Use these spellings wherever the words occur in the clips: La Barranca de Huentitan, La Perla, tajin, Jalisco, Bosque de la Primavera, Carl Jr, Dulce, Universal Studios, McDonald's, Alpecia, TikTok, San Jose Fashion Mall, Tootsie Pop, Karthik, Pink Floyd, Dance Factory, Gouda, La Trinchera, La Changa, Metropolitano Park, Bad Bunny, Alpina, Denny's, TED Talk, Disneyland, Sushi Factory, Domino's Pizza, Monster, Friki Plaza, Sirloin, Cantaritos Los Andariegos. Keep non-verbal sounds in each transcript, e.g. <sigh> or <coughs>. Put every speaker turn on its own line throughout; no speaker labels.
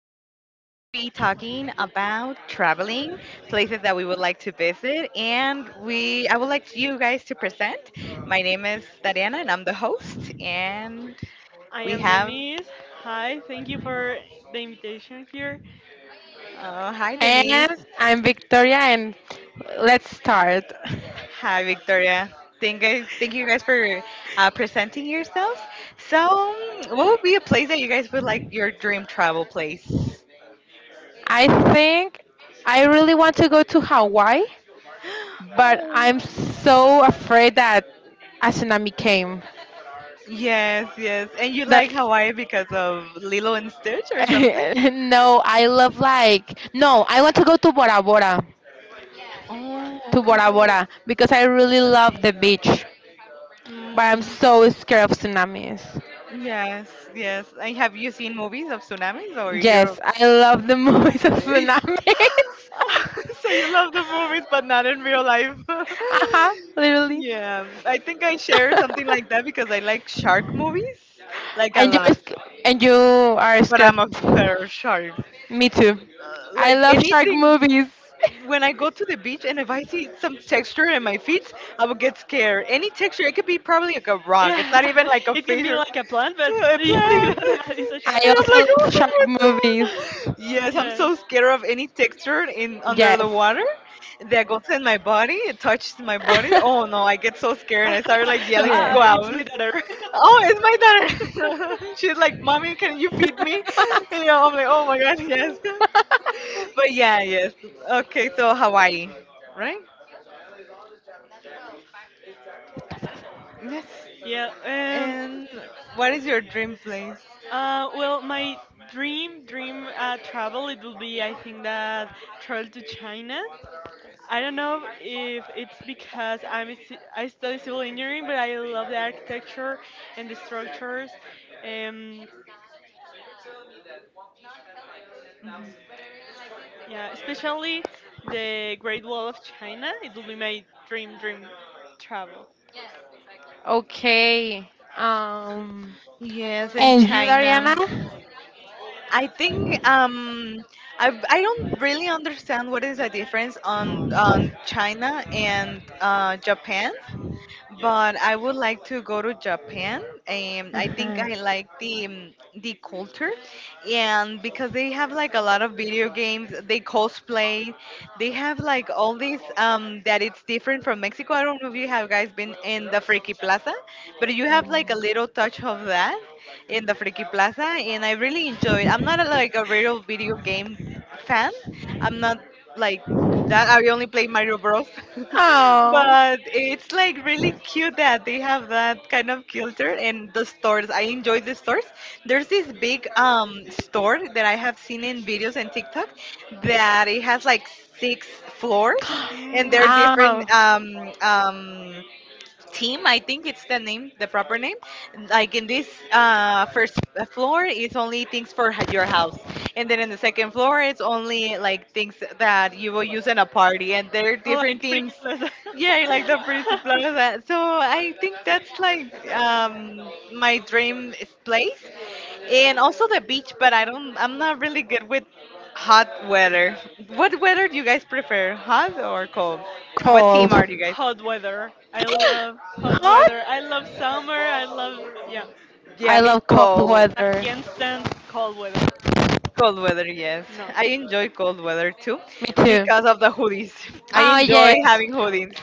be talking about traveling, places that we would like to visit, and we I would like you guys to present. My name is Dariana, and I'm the host. And
I
we
am
have
Denise. Hi, thank you for the invitation here.
oh, hi Denise,
And I'm Victoria, and let's start.
hi Victoria. Thank you guys for presenting yourselves. So, what would be a place that you guys would like, your dream travel place?
I think I really want to go to Hawaii, but I'm so afraid that a tsunami came.
Yes, yes. And you like
That's
Hawaii because of Lilo and Stitch or something?
<laughs> no, I love no, I want to go
Oh,
to Bora
okay.
Ooh.
Bora because I really love the beach, but I'm
Mm,
so scared of tsunamis.
yes, yes. And have you seen movies of tsunamis, or you're...
Yes, I love the <laughs> movies of
<laughs>
tsunamis.
so you love
<laughs>
the movies but not in real life?
Uh huh,
<laughs>
literally.
Yeah, I think I share something like that
<laughs>
because I like shark movies like a
and
lot,
you and you are
but
scared.
I'm a fair shark.
Me too. I
Like
love shark
anything.
movies.
When I go to the beach and if I see some texture in my feet, I will get scared. Any texture, it could be probably like a rock. It's
Yeah,
not even
<laughs>
like a
it can
fish
be
or
like a plant, but <laughs>
a
do you think
plant.
that
<laughs>
<laughs> it's a
<laughs>
shark?
I
And I'm
also
like, oh,
love shark
what's that?
movies.
<laughs>
Yes, I'm
Yes.
so scared of any texture in under the
Yes.
water that goes in my body. It touches my body. Oh no,
<laughs>
I get so scared and I start like
<laughs> No,
yelling,
Yeah.
go
it's my
out. Oh, it's my daughter. <laughs> She's like, mommy, can you feed me? And you know, I'm like, oh my god, yes.
<laughs>
<laughs> But yeah, yes.
daughter.
Okay, so
<laughs>
Hawaii, right? Yes.
Yeah. Um.
And what is your dream place?
Well, my dream travel, it will be, I think, that travel to China. I don't know if it's because I'm a I study civil engineering, but I love the architecture and the structures. Um. Yeah. Especially the Great Wall of China. It will be my dream travel.
Okay. Um.
Yes, in
And you,
China.
Dariana?
I think I don't really understand what is the difference on China and Japan, but I would like to go to Japan. I think
Uh-huh.
I like the culture, and because they have like a lot of video games, they cosplay, they have like all these that it's different from Mexico. I don't know if you have guys been in the Friki Plaza, but you have like a little touch of that in the Friki Plaza, and I really enjoy it. I'm not a, like a real video game fan. I'm not like that I only play Mario Bros. <laughs>
Oh.
But it's like really cute that they have that kind of culture and the stores. I enjoy the stores. There's this big store that I have seen in videos and TikTok that it has like 6 floors
<gasps>
and they're
Mm.
different
um.
team, I think it's the name, the proper name, like in this first floor is only things for your house, and then in the second floor it's only like things that you will use in a party, and they're
Oh,
different
like
teams.
freaking plaza. <laughs>
Yeah, like the principal Plaza. So I think that's like my dream is place, and also the beach, but I don't, I'm not really good with hot weather. What weather do you guys prefer, hot or cold? What
Cold.
team are you
<gasps>
guys?
Hot weather. I love hot
Hot.
weather. I love summer. I love Yeah.
Yeah,
I
me
love cold
cold.
I
weather.
can't stand cold weather.
Cold weather, yes.
No.
I enjoy cold weather too
Me too.
because of the hoodies. I
Oh
enjoy
yes.
having hoodies.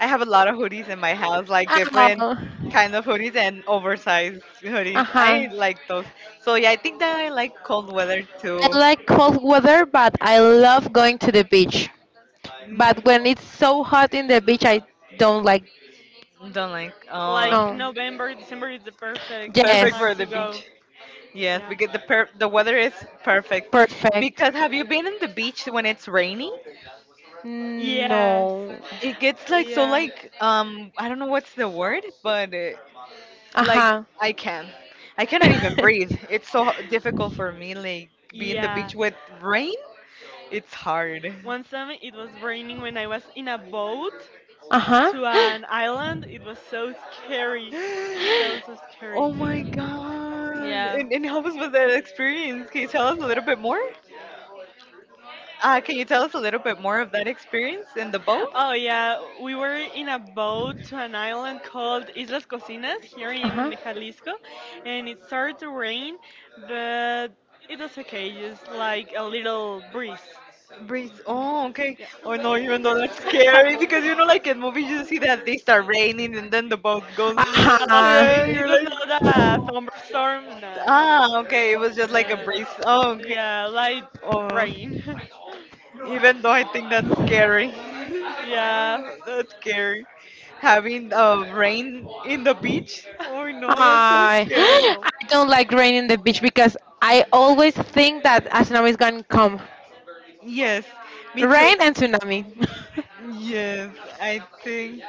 I have a lot of hoodies in my house, like different
Oh.
kind of hoodies and oversized
Yeah.
hoodies.
Uh-huh.
I like those. So yeah, I think that I like cold weather
Winter
I
too.
ones.
like cold weather, but I love going to the beach.
Mm,
But when it's so hot in the beach, I don't like.
don't like. Oh,
Like
No.
November, December is the perfect. Yeah, it's
perfect
time
for
Yes.
to
the
go.
beach. Yes,
Yeah.
because the the weather is perfect.
Perfect.
Because have you been in the beach when it's raining?
Raining? Yes.
No.
It gets like so
Yeah.
like I don't know what's the word, but like
Uh-huh.
I can. I cannot even breathe.
<laughs>
It's so difficult for me, like being the beach
Yeah.
with rain. It's hard.
One time it was raining when I was in a boat
uh-huh.
to an island. It was so scary.
<gasps>
So, so
<gasps>
Oh
scary.
my god!
Yeah.
And how was with that experience? Can you tell us a little bit more? Can you tell us a little bit more of that experience in the boat?
Oh, yeah, we were in a boat to an island called Islas Cocinas here
uh-huh.
in Jalisco, and it started to rain, but it was okay, just like a little breeze.
Breeze.
Mhm.
Oh, okay.
Yeah.
Oh no, even though that's scary because you know,
<laughs>
like in movies, you see that they start raining and then the boat goes.
No,
<gasps>
Uh-huh.
Yeah,
it
you're like,
was not a thunderstorm. No,
ah,
no,
okay. It was
no.
just like a breeze. Oh,
No.
okay.
Yeah, light
Oh,
rain. <laughs>
even though I think that's scary.
Yeah.
<laughs> That's scary. Having
<laughs>
rain in the beach. Oh no, that's so
It's
Hi. <gasps>
scary.
horrible.
I don't like rain in the beach because I always think that a tsunami is going to come.
Yes, me too.
Rain and tsunami. <laughs>
Yes, I think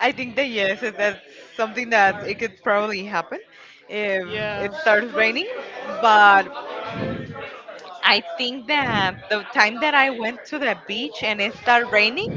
I think that yes, that's something that it could probably happen if it
Yeah.
starts raining. But I think that the time that I went to the beach and it started raining,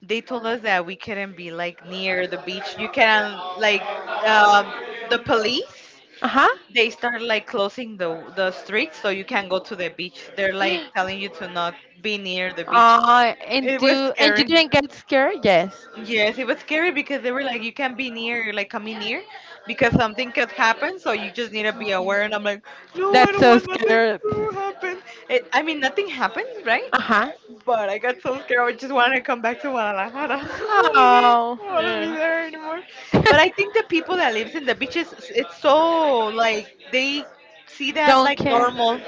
they told us that we couldn't be like near the beach. You can like um, the police.
uh-huh.
They start like closing the streets so you can not go to the beach. They're like telling you to not be near the beach. It was
And you
scary.
didn't get scared? Yes.
Yes, it was scary because they were like, you can't be near, like coming near, because something could happen. So you just need to be
Mhm.
aware. And I'm like, no, I
That's
don't
so
want nothing
scared.
to happen. It, I mean, nothing happened, right?
Uh-huh.
But I got so scared. I just wanted to come back to Guadalajara. <laughs> I was like, I
Oh.
don't want to be
Yeah.
there anymore. But I think the
<laughs>
people that lives in the beaches, it's so like they see that as
don't
like
care.
normal,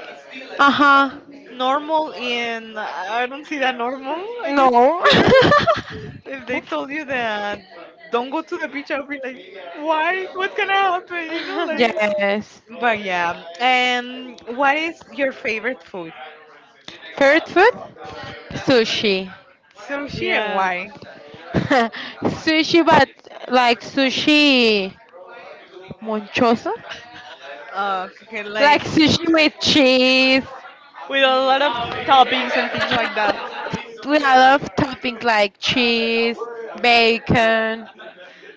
Uh-huh.
normal. In I don't see that normal. I get
No.
scared if they told you that don't go to the beach. I'll be like, why? What's gonna happen? You know,
<laughs>
<laughs>
like.
yes.
But yeah. And what is your favorite food?
Favorite food? Sushi.
Sushi, and
Yeah.
why?
<laughs> sushi, but like sushi. Monchoso,
Oh, okay, like,
like sushi with cheese.
With a lot of toppings and things like that.
We I love toppings like cheese, bacon,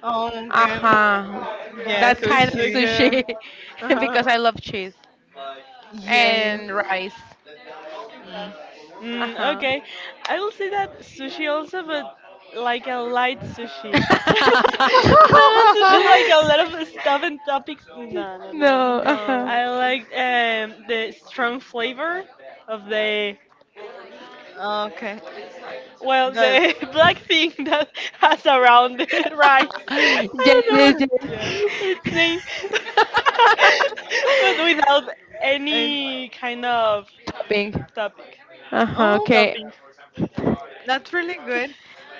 oh,
uh
okay.
huh,
Yeah,
that
so
kind of
she.
Okay.
sushi <laughs>
Uh-huh.
because I love cheese
Yeah.
and rice.
Yeah.
Uh huh.
Okay, I will say that sushi also, but like a light sushi, <laughs>
<laughs>
not a sushi like a
Mm.
lot of stuff and topics. No, no, no, no.
no,
<laughs>
uh huh.
I
No.
like the strong flavor of the,
Okay.
well,
That's
the <laughs> black thing that has around the <laughs> rice.
<laughs> yes,
I don't know
yes,
yeah.
what its
yes.
name, <laughs>
<laughs>
but without
And
any kind of
Topping.
topic
Uh huh.
um,
Okay.
toppings.
that's really good.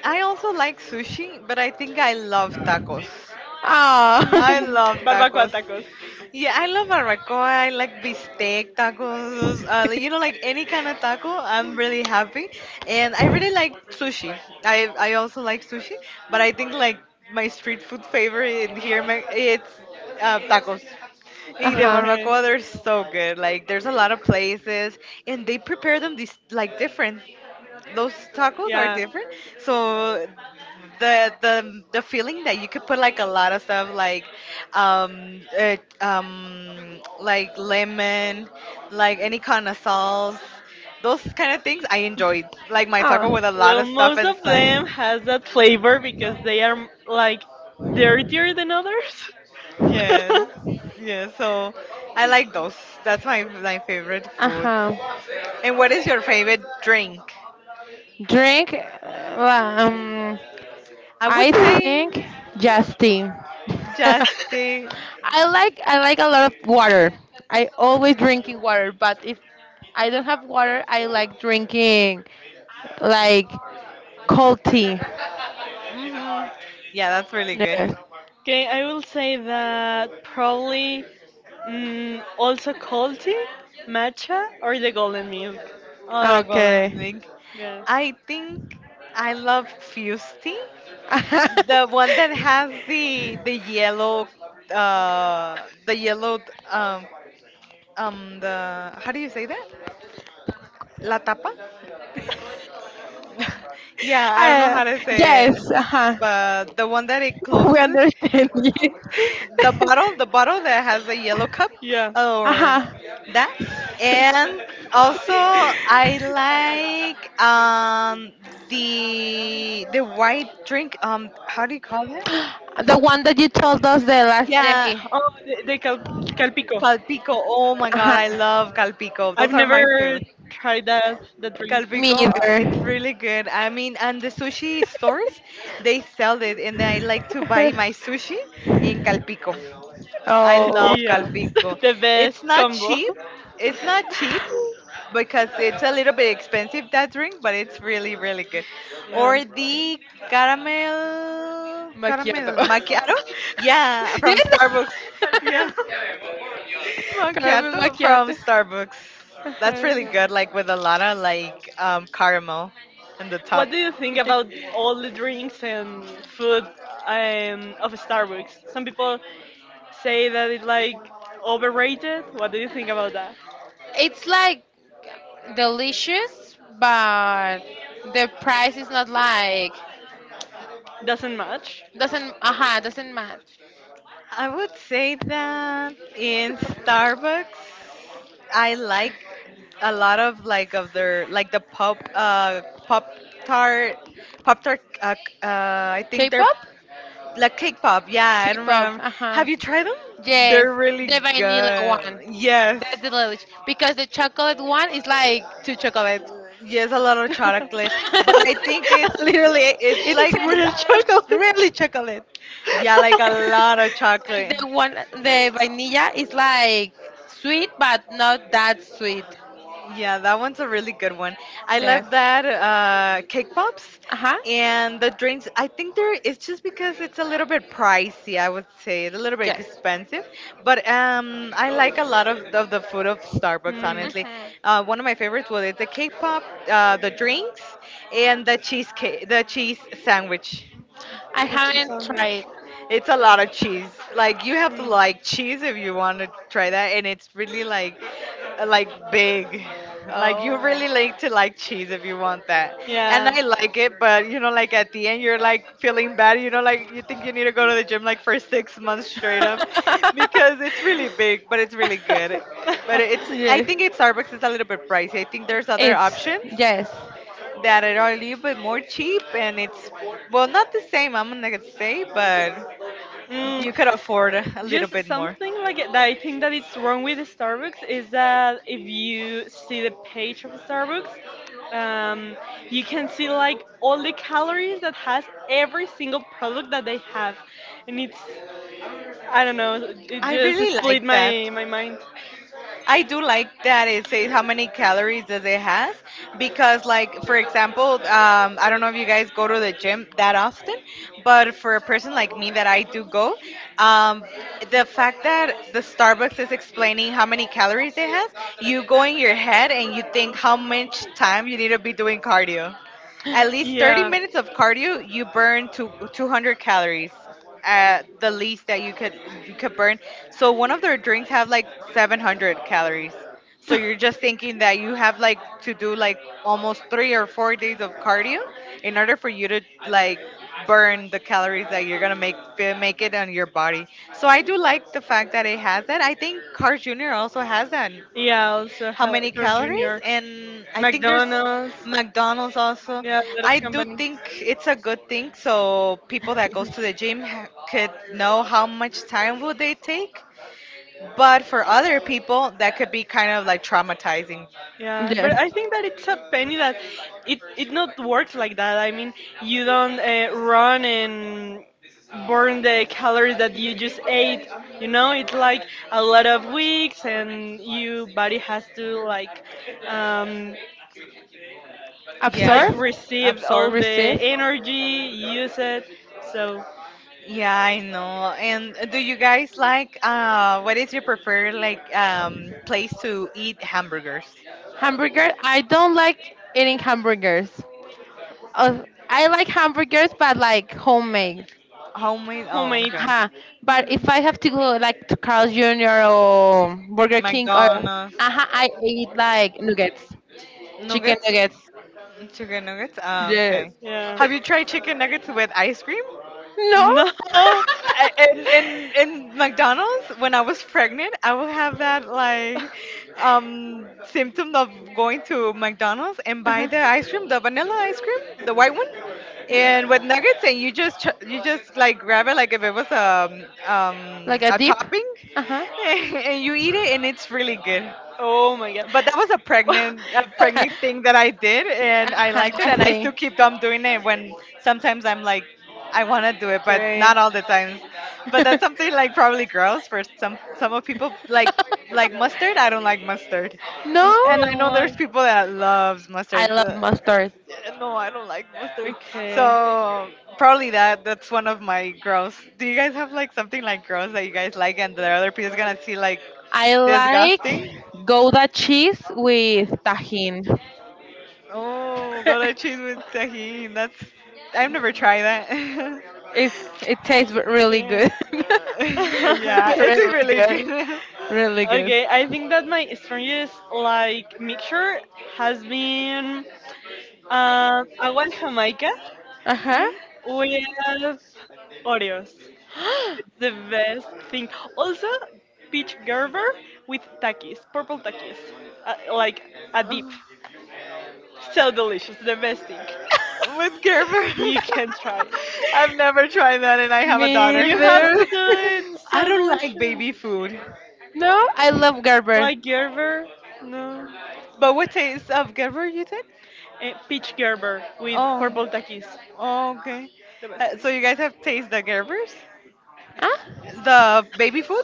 I also like sushi, but I think I love tacos.
Oh.
I
Mm,
love
Barbacoa
tacos.
tacos.
Yeah, I love barbacoa. I like bistec tacos.
<laughs>
Like, you know, like any kind of taco, I'm really happy. And I really like sushi. I also like sushi, but I think like my street food favorite in here in it's tacos. In the
uh-huh.
barbacoa, they're so good. Like there's a lot of places, and they prepare them this like different, those tacos are different. So the feeling that you could put like a lot of stuff like lemon, like any kind of sauce, those kind of things I enjoyed. Like my taco
Oh.
with a lot of stuff inside.
Them has that flavor because they are like dirtier than others.
Yes.
<laughs>
Yeah, so I like those. That's my my favorite food.
Uh-huh.
And what is your favorite drink?
<laughs> Drink, um
I
I
would say
think just tea. <laughs>
just the.
I like a lot of water. I always drinking water, but if I don't have water, I like drinking like cold tea.
Hmm. Yeah, that's really good.
Yeah.
Okay, I will say that probably also Colty, Matcha, or the Golden Milk.
Other golden
Okay.
wig.
Yeah.
I think I love Fusty, the
<laughs>
one that has the yellow, the yellow, um, the how do you say that? La tapa. <laughs> Yeah, I don't know
I
how to say
yes,
it,
uh-huh.
but the one that it
<laughs> We
closes
understand you. <laughs>
the bottle that has a yellow cup
Yeah.
or
Uh-huh.
that. And also I like the white drink. Um, how do you call that?
The one that you told us the last
Yeah,
day.
Oh, the Calpico.
calpico. Oh my god,
Uh-huh.
I love calpico.
I've
Those are my
never
favorite.
tried that the drink. <laughs>
Me
Calpico,
either.
it's really good. I mean, and the sushi stores, they sell it, and I like to buy
<laughs>
my sushi in Calpico. I
Oh.
love
Yeah.
Calpico.
<laughs> The best
It's not
combo.
cheap.
<laughs>
It's not cheap because it's a little bit expensive that drink, but it's really really good.
Yeah.
Or the caramel
Macchiato.
caramel macchiato,
<laughs>
yeah, from
yes.
Starbucks,
<laughs>
yeah,
Caramel
macchiato from
macchiato.
Starbucks. That's really
Uh-huh.
good, like with a lot of like caramel in the top.
What do you think about
<laughs>
all the drinks and food of Starbucks? Some people say that it's like overrated. What do you think about that?
It's like delicious, but the price is not like
Doesn't match?
doesn't doesn't match.
I would say that in Starbucks, I like a lot of like of their like the pop tart pop tart uh, c- uh I think they're
K-pop?
like cake pop. Yeah, I don't
K-pop.
remember.
Uh-huh.
Have you tried them?
Yes,
They're really
the vanilla
good.
one.
Yes.
That's the delicious because the chocolate one is like two chocolate.
Yes, a lot of
<laughs>
chocolate, but I
<laughs>
think
Literally,
it's
it
like
tastes
Real
out of
chocolate.
really
<laughs>
chocolate.
yeah, like a lot of
<laughs> And
chocolate.
the one, the vanilla is like sweet, but not that sweet.
Yeah, that one's a really good one. I
Yes.
love that cake pops
Uh huh.
and the drinks. I think there it's just because it's a little bit pricey. I would say it's a little bit
Yes.
expensive, but I like a lot of the food of Starbucks.
Hmm.
Honestly,
Hmm.
one of my favorites was the cake pop, the drinks, and the cheesecake, the cheese sandwich.
I
The cheese
haven't
sandwich.
tried.
It's a lot of cheese. Like you have to like cheese if you want to try that, and it's really like big. <laughs> Like you
Oh.
really like to like cheese if you want that, and I
Hmm.
like it. But you know, like at the end, you're like feeling bad. You know, like you think you need to go to the gym like for 6 months straight up, <laughs>
<laughs>
because it's really
Yeah. <laughs>
big, but it's really good. But
<laughs>
it's, I
Yeah,
think at Starbucks is a little bit pricey. I think there's other
It's
options
yes.
that are a little bit more cheap, and it's well not the same. I'm gonna say, but if
Mm,
you could afford a little
just
bit more.
something like that, I think that it's wrong with Starbucks is that if you see the page of Starbucks, um, you can see like all the calories that has every single product that they have, and it's I don't know, it
I
just
really
split
like that.
my mind.
I do like that it says how many calories does it has, because like for example I don't know if you guys go to the gym that often, but for a person like me that I do go, um, the fact that the Starbucks is explaining how many calories it has, you go in your head and you think how much time you need to be doing cardio. At least 30
Yeah.
minutes of cardio, you burn to 200 calories at the least that you could burn. So one of their drinks have like 700 calories. So you're
<laughs>
just thinking that you have like to do like almost 3 or 4 days of cardio in order for you to, like, burn the calories that you're going to make it on your body. So I do like the fact that it has that. I think Carl Jr. also has that,
Yeah, also
how many calories,
Jr.,
and I think there's McDonald's also.
yeah,
I
a
do
lot of
think it's a good thing, so people that goes to the gym could know how much time would they take, but for other people that could be kind of like traumatizing.
Yeah, but
Yes.
I think that it's a penny that it not works like that. I mean, you don't run and burn the calories that you just ate. You know, it's like a lot of weeks, and your body has to um, like
Yeah.
Absorb,
receive
Absorb.
all the
receive.
energy, use it. So
Yeah, I know. And do you guys like, what is your preferred, like, place to eat hamburgers?
Hamburger. I don't like eating hamburgers. I like hamburgers, but like homemade.
Homemade? Oh,
homemade.
okay.
Huh. But if I have to go like to Carl's Jr. or Burger King or
McDonald's.
I eat like nuggets, chicken
Nuggets.
nuggets.
Chicken nuggets. Oh, okay.
Yes.
Yeah.
Have you tried chicken nuggets with ice cream?
No.
No. <laughs>
<laughs>
In McDonald's, when I was pregnant, I would have that, like, symptom of going to McDonald's and buy
uh-huh.
the ice cream, the vanilla ice cream, the white one, and with nuggets, and you just like grab it like if it was
Like a
a
dip.
topping,
Uh
<laughs> and you eat it, and it's really good.
Oh my god.
But that was a pregnant
<laughs>
a
huh. <laughs>
pregnant thing that I did,
Yeah,
and I liked it,
I
and I still
think.
keep on doing it when sometimes I'm like, I want to do it, but
Okay.
not all the times. But that's something
<laughs>
like probably gross for some of people. Like mustard, I don't like mustard, and
no,
You
I
don't
know there's
like.
people that loves
I
mustard.
love mustard.
No, I don't like mustard,
Okay.
so probably that's one of my gross. Do you guys have like something like gross that you guys like and the other people is gonna see like
I like
disgusting?
Gouda cheese with tajin.
Oh, gotta cheese
<laughs>
with tahini. That's, I've never tried that. <laughs>
it's
<laughs>
it tastes really good.
Okay.
<laughs>
Yeah, it is
<laughs>
really
really
good.
good.
Really
<laughs>
good.
Okay, I think that my strongest like mixture has been agua de Jamaica
Uh huh.
Mhm.
with Oreos. It's the best thing. Also, peach Gerber with takis, purple takis, like a dip. So delicious, the best thing.
Oh, with Gerber.
You can try.
<laughs> I've never tried that, and I
<gasps>
have a
Me
daughter.
You have to
either.
do it.
<laughs> I
So
don't like baby
delicious.
food.
No, I love Gerber.
Like Gerber, no,
But what taste of Gerber you said?
Peach Gerber with purple
Oh,
takis,
oh okay.
the best thing.
So you guys have tasted the Gerbers?
Huh?
The baby food?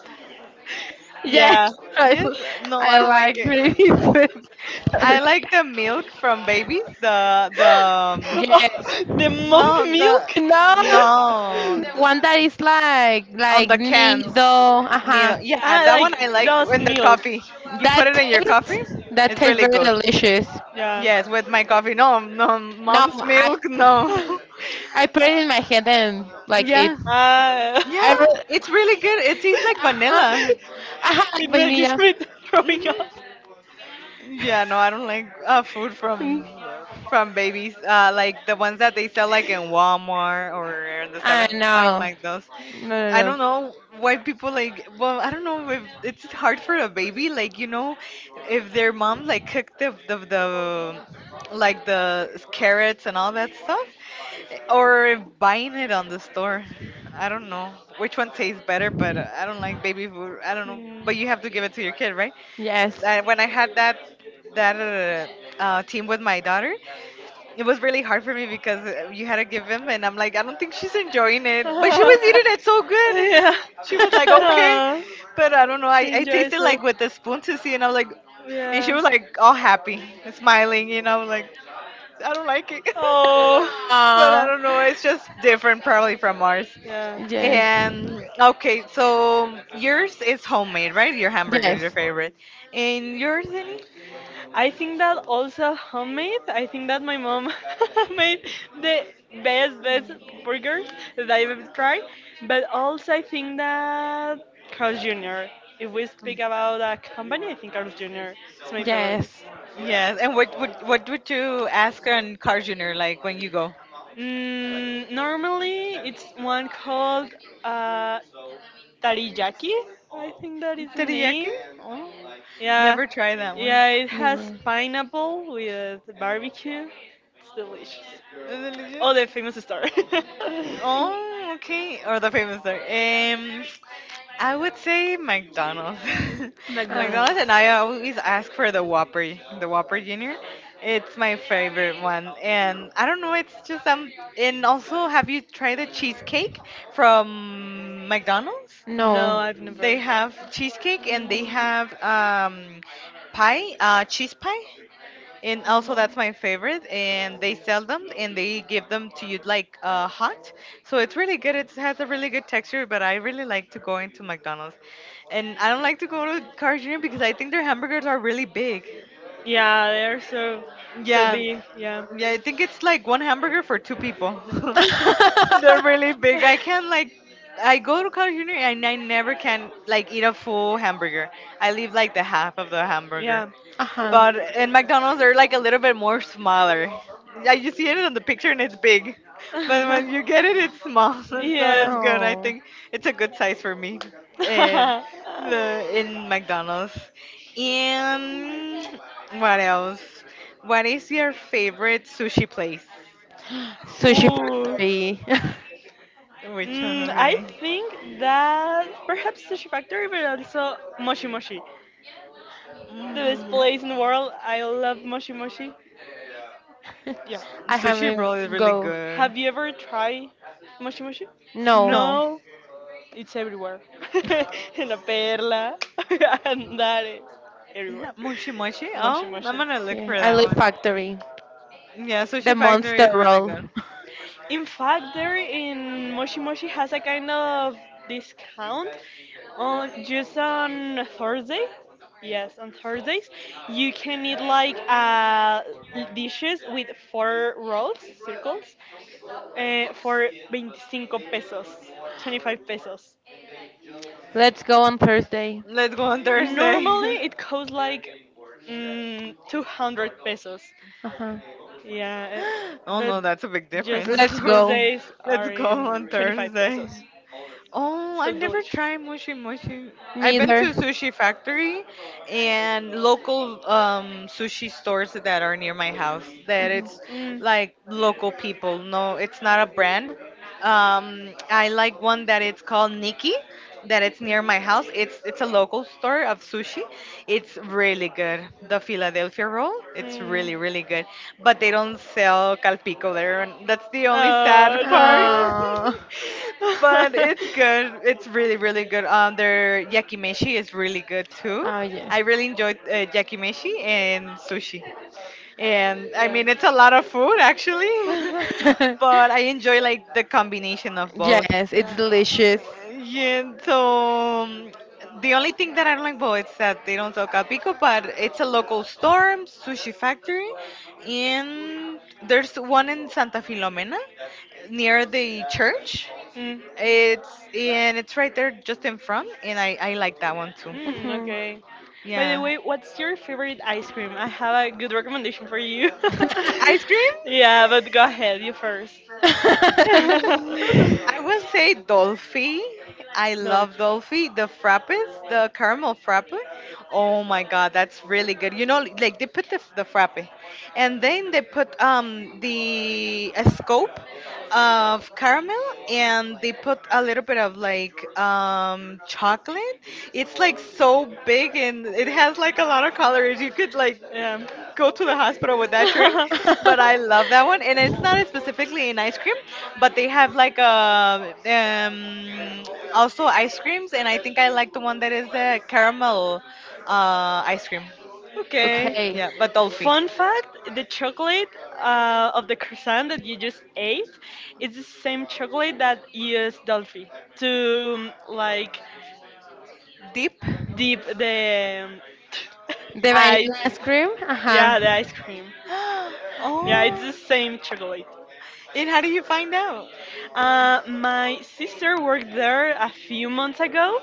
Yes,
Yeah.
<laughs> I,
Yes, no, I
I
don't like
like
it.
babies. <laughs>
I
Sorry.
like the milk from babies. The
<laughs> The
Yes.
no,
mump
the
milk?
No.
no,
One that is like
on the cans.
nido,
Neither.
uh-huh.
Yeah,
Ah,
that one I
like
like
dust
in the
milk.
coffee. You
That
put it in your
tastes
coffee.
that
It's
tastes
really
very
good.
delicious.
Yeah.
Yes, with my coffee. No, no,
No,
mom's milk. No.
<laughs>
<laughs>
I put it in my hand and like it.
Yeah,
Ah,
I
yeah, it's really
re-
good. It tastes like
uh-huh,
vanilla.
uh-huh,
<laughs>
like
it makes
vanilla.
me <laughs> throwing up.
Hmm. Yeah, no, I don't like food
Mm.
from babies. Like the ones that they sell like in Walmart or in the
I
Seven. I don't
know.
like those.
No,
I
no, no.
don't know why people like. Well, I don't know if it's hard for a baby. Like, you know, if their mom like cooked the the like the carrots and all that stuff, or if buying it on the store. I don't know which one tastes better, but I don't like baby food. I don't know.
Mm.
But you have to give it to your kid, right?
Yes.
And when I had that team with my daughter, it was really hard for me because you had to give him, and I'm like, I don't think she's enjoying it, but she was eating it so
<laughs>
good.
Yeah.
She was like, okay,
Ah,
but I don't know. I,
she
I
enjoys
tasted
it.
like with a spoon to see, and I'm like, and she
Yeah.
<laughs>
was like all happy, smiling, you know, like, I don't like it. <laughs>
Oh,
But I
Ah,
don't know. It's just different, probably from ours.
yeah.
yes,
And okay, so yours is homemade, right? Your hamburger is your
yes,
favorite. And yours, any?
I think that also homemade. I think that my mom <laughs> made the best, best burgers that I've ever tried. But also, I think that Carl's Jr. If we speak about a company, I think Carl's Jr. is my favorite.
yes.
Yes. And what would you ask on Car Junior like when you go?
Normally, it's one called uh, Tariyaki. I think that is the
Teriyaki?
name.
Oh,
Yeah.
never tried that one.
Yeah, it has
Mira.
pineapple with barbecue. It's delicious.
Is it
Oh, the
legit?
famous star. <laughs>
Oh, okay. Or the famous there. I would say McDonald's. <laughs>
Ah,
McDonald's, and
McDonald's.
I always ask for the Whopper Junior. It's my favorite one, and I don't know. It's just. And also, have you tried the cheesecake from McDonald's?
No,
no.
I've never.
They
Mm.
have cheesecake, and they have pie, cheese pie, and also that's my favorite, and they sell them, and they give them to you like, hot. So it's really good. It has a really good texture. But I really like to go into McDonald's, and I don't like to go to Carl's Jr. because I think their hamburgers are really big.
Yeah, they're so, so
Yeah.
big. Yeah.
Yeah, I think it's like one hamburger for two people. <laughs> They're really big.
<laughs>
I can't, like, I go to Carl's Jr. and I never can like eat a full hamburger. I leave like the half of the hamburger.
Yeah.
Ajá.
But in McDonald's, they're like a little bit more smaller. Yeah, you see it on the picture and it's big, but when you get it,
<laughs>
it's small. <laughs> So
Yeah.
it's good. I
Oh,
think it's a good size for me. And
So <laughs>
the, in McDonald's. And what else? What is your favorite sushi place?
<gasps>
sushi,
sushi
ooh, factory.
factory.
Which one would
I
be?
think that perhaps Sushi Factory, but also Moshi Moshi. The best place in
Hmm.
the world. I love Moshi Moshi. Yeah.
<laughs> I
Sushi
haven't
roll is really
go.
good.
Have you ever tried Moshi Moshi?
No.
No.
No, it's everywhere. <laughs> En La Perla, <laughs> Andares, everywhere.
Yeah, moshi moshi.
Moshi
Oh, I'm
Moshi.
gonna look
Okay,
for
I
that
love
one.
Factory.
Yeah,
The
Sushi Factory
monster
is really
roll.
good.
In fact, there in Moshi Moshi has a kind of discount on just on Thursday. Yes, on Thursdays you can eat like dishes with four rolls, circles, for 25 pesos, 25 pesos.
<laughs> Let's go on Thursday.
Let's go on
Normally
Thursday.
it costs like 200 pesos.
Uh huh.
Yeah,
<laughs> Oh no,
but
that's a big
just
difference.
on
Let's go.
<laughs>
Tuesdays
Let's
are
go
in
on
25
Thursday.
pesos.
Oh, I
So
never
delicious.
tried Moshi Moshi.
Me
I've been to
either.
Sushi Factory and local, sushi stores that are near my house. That
Mhm.
it's
Mm.
like local people. No, it's not a brand. I like one that it's called Nikki, that it's near my house. It's a local store of sushi. It's really good. The Philadelphia roll, it's really really good. But they don't
Mm.
sell calpico there, and that's the only sad
Oh
part.
no.
Oh.
<laughs> But
<laughs>
it's good. It's really really good. Their yakimeshi is really good too.
Oh yes.
I really enjoyed yakimeshi and sushi. And I
Yeah.
mean,
<laughs>
it's a lot of food actually,
<laughs>
<laughs> but I enjoy like the combination of both.
yes, it's
Yeah.
delicious.
Yeah, so the only thing that I don't like about is that they don't sell Capico, but it's a local store, sushi factory, and there's one in Santa Filomena near the church.
Mm.
It's, and it's right there just in front, and I like that one too.
Mm,
Mhm.
okay. By the
Yeah,
way, what's your favorite ice cream? I have a good recommendation for you.
ice cream.
<laughs>
<laughs>
Yeah, but go ahead, you first. <laughs>
<laughs>
Mm, I will say Dolphy. I
No.
love Dolphy. The frappes, the caramel frappe. Oh my god, that's really good. You know, like they put the frappe, and then they put the a scoop of caramel, and they put a little bit of like chocolate. It's like so big, and it has like a lot of calories. You could like
Yeah.
go to
<laughs>
the hospital with that drink. But I love that one, and it's not specifically in ice cream, but they have like a also ice creams, and I think I like the one that is the caramel ice cream.
Okay.
okay.
Yeah, but
But those,
Dolphy.
fun fact: the chocolate of the croissant that you just ate is the same chocolate that used Dolphy to like
Deep.
dip the
The
<laughs>
vanilla cream?
Yeah, the ice cream.
<gasps>
Yeah, it's
Oh.
the same chocolate.
And how do you find out?
My sister worked there a few months ago,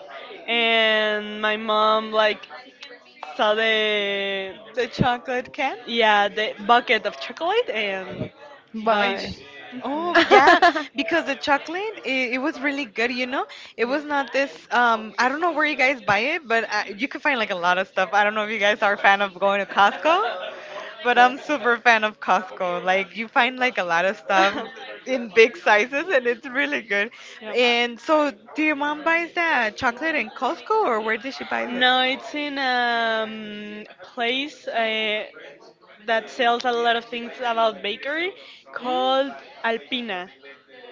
and my mom like saw the
The chocolate can?
yeah, the bucket of chocolate and buy
And
them.
Bye.
sh,
Mhm.
oh yeah, because the chocolate, it was really good, you know. It was not this, I don't know where you guys buy it, but you can find like a lot of stuff. I don't know if you guys are a fan of going to Costco, but I'm super fan of Costco. Like you find like a lot of stuff in big sizes and it's really good.
Yes.
And so do your mom buys
<laughs> Yeah.
that chocolate in Costco or where does she buy it?
No, it's in a place that sells a lot of things about bakery
Mm,
called Alpina.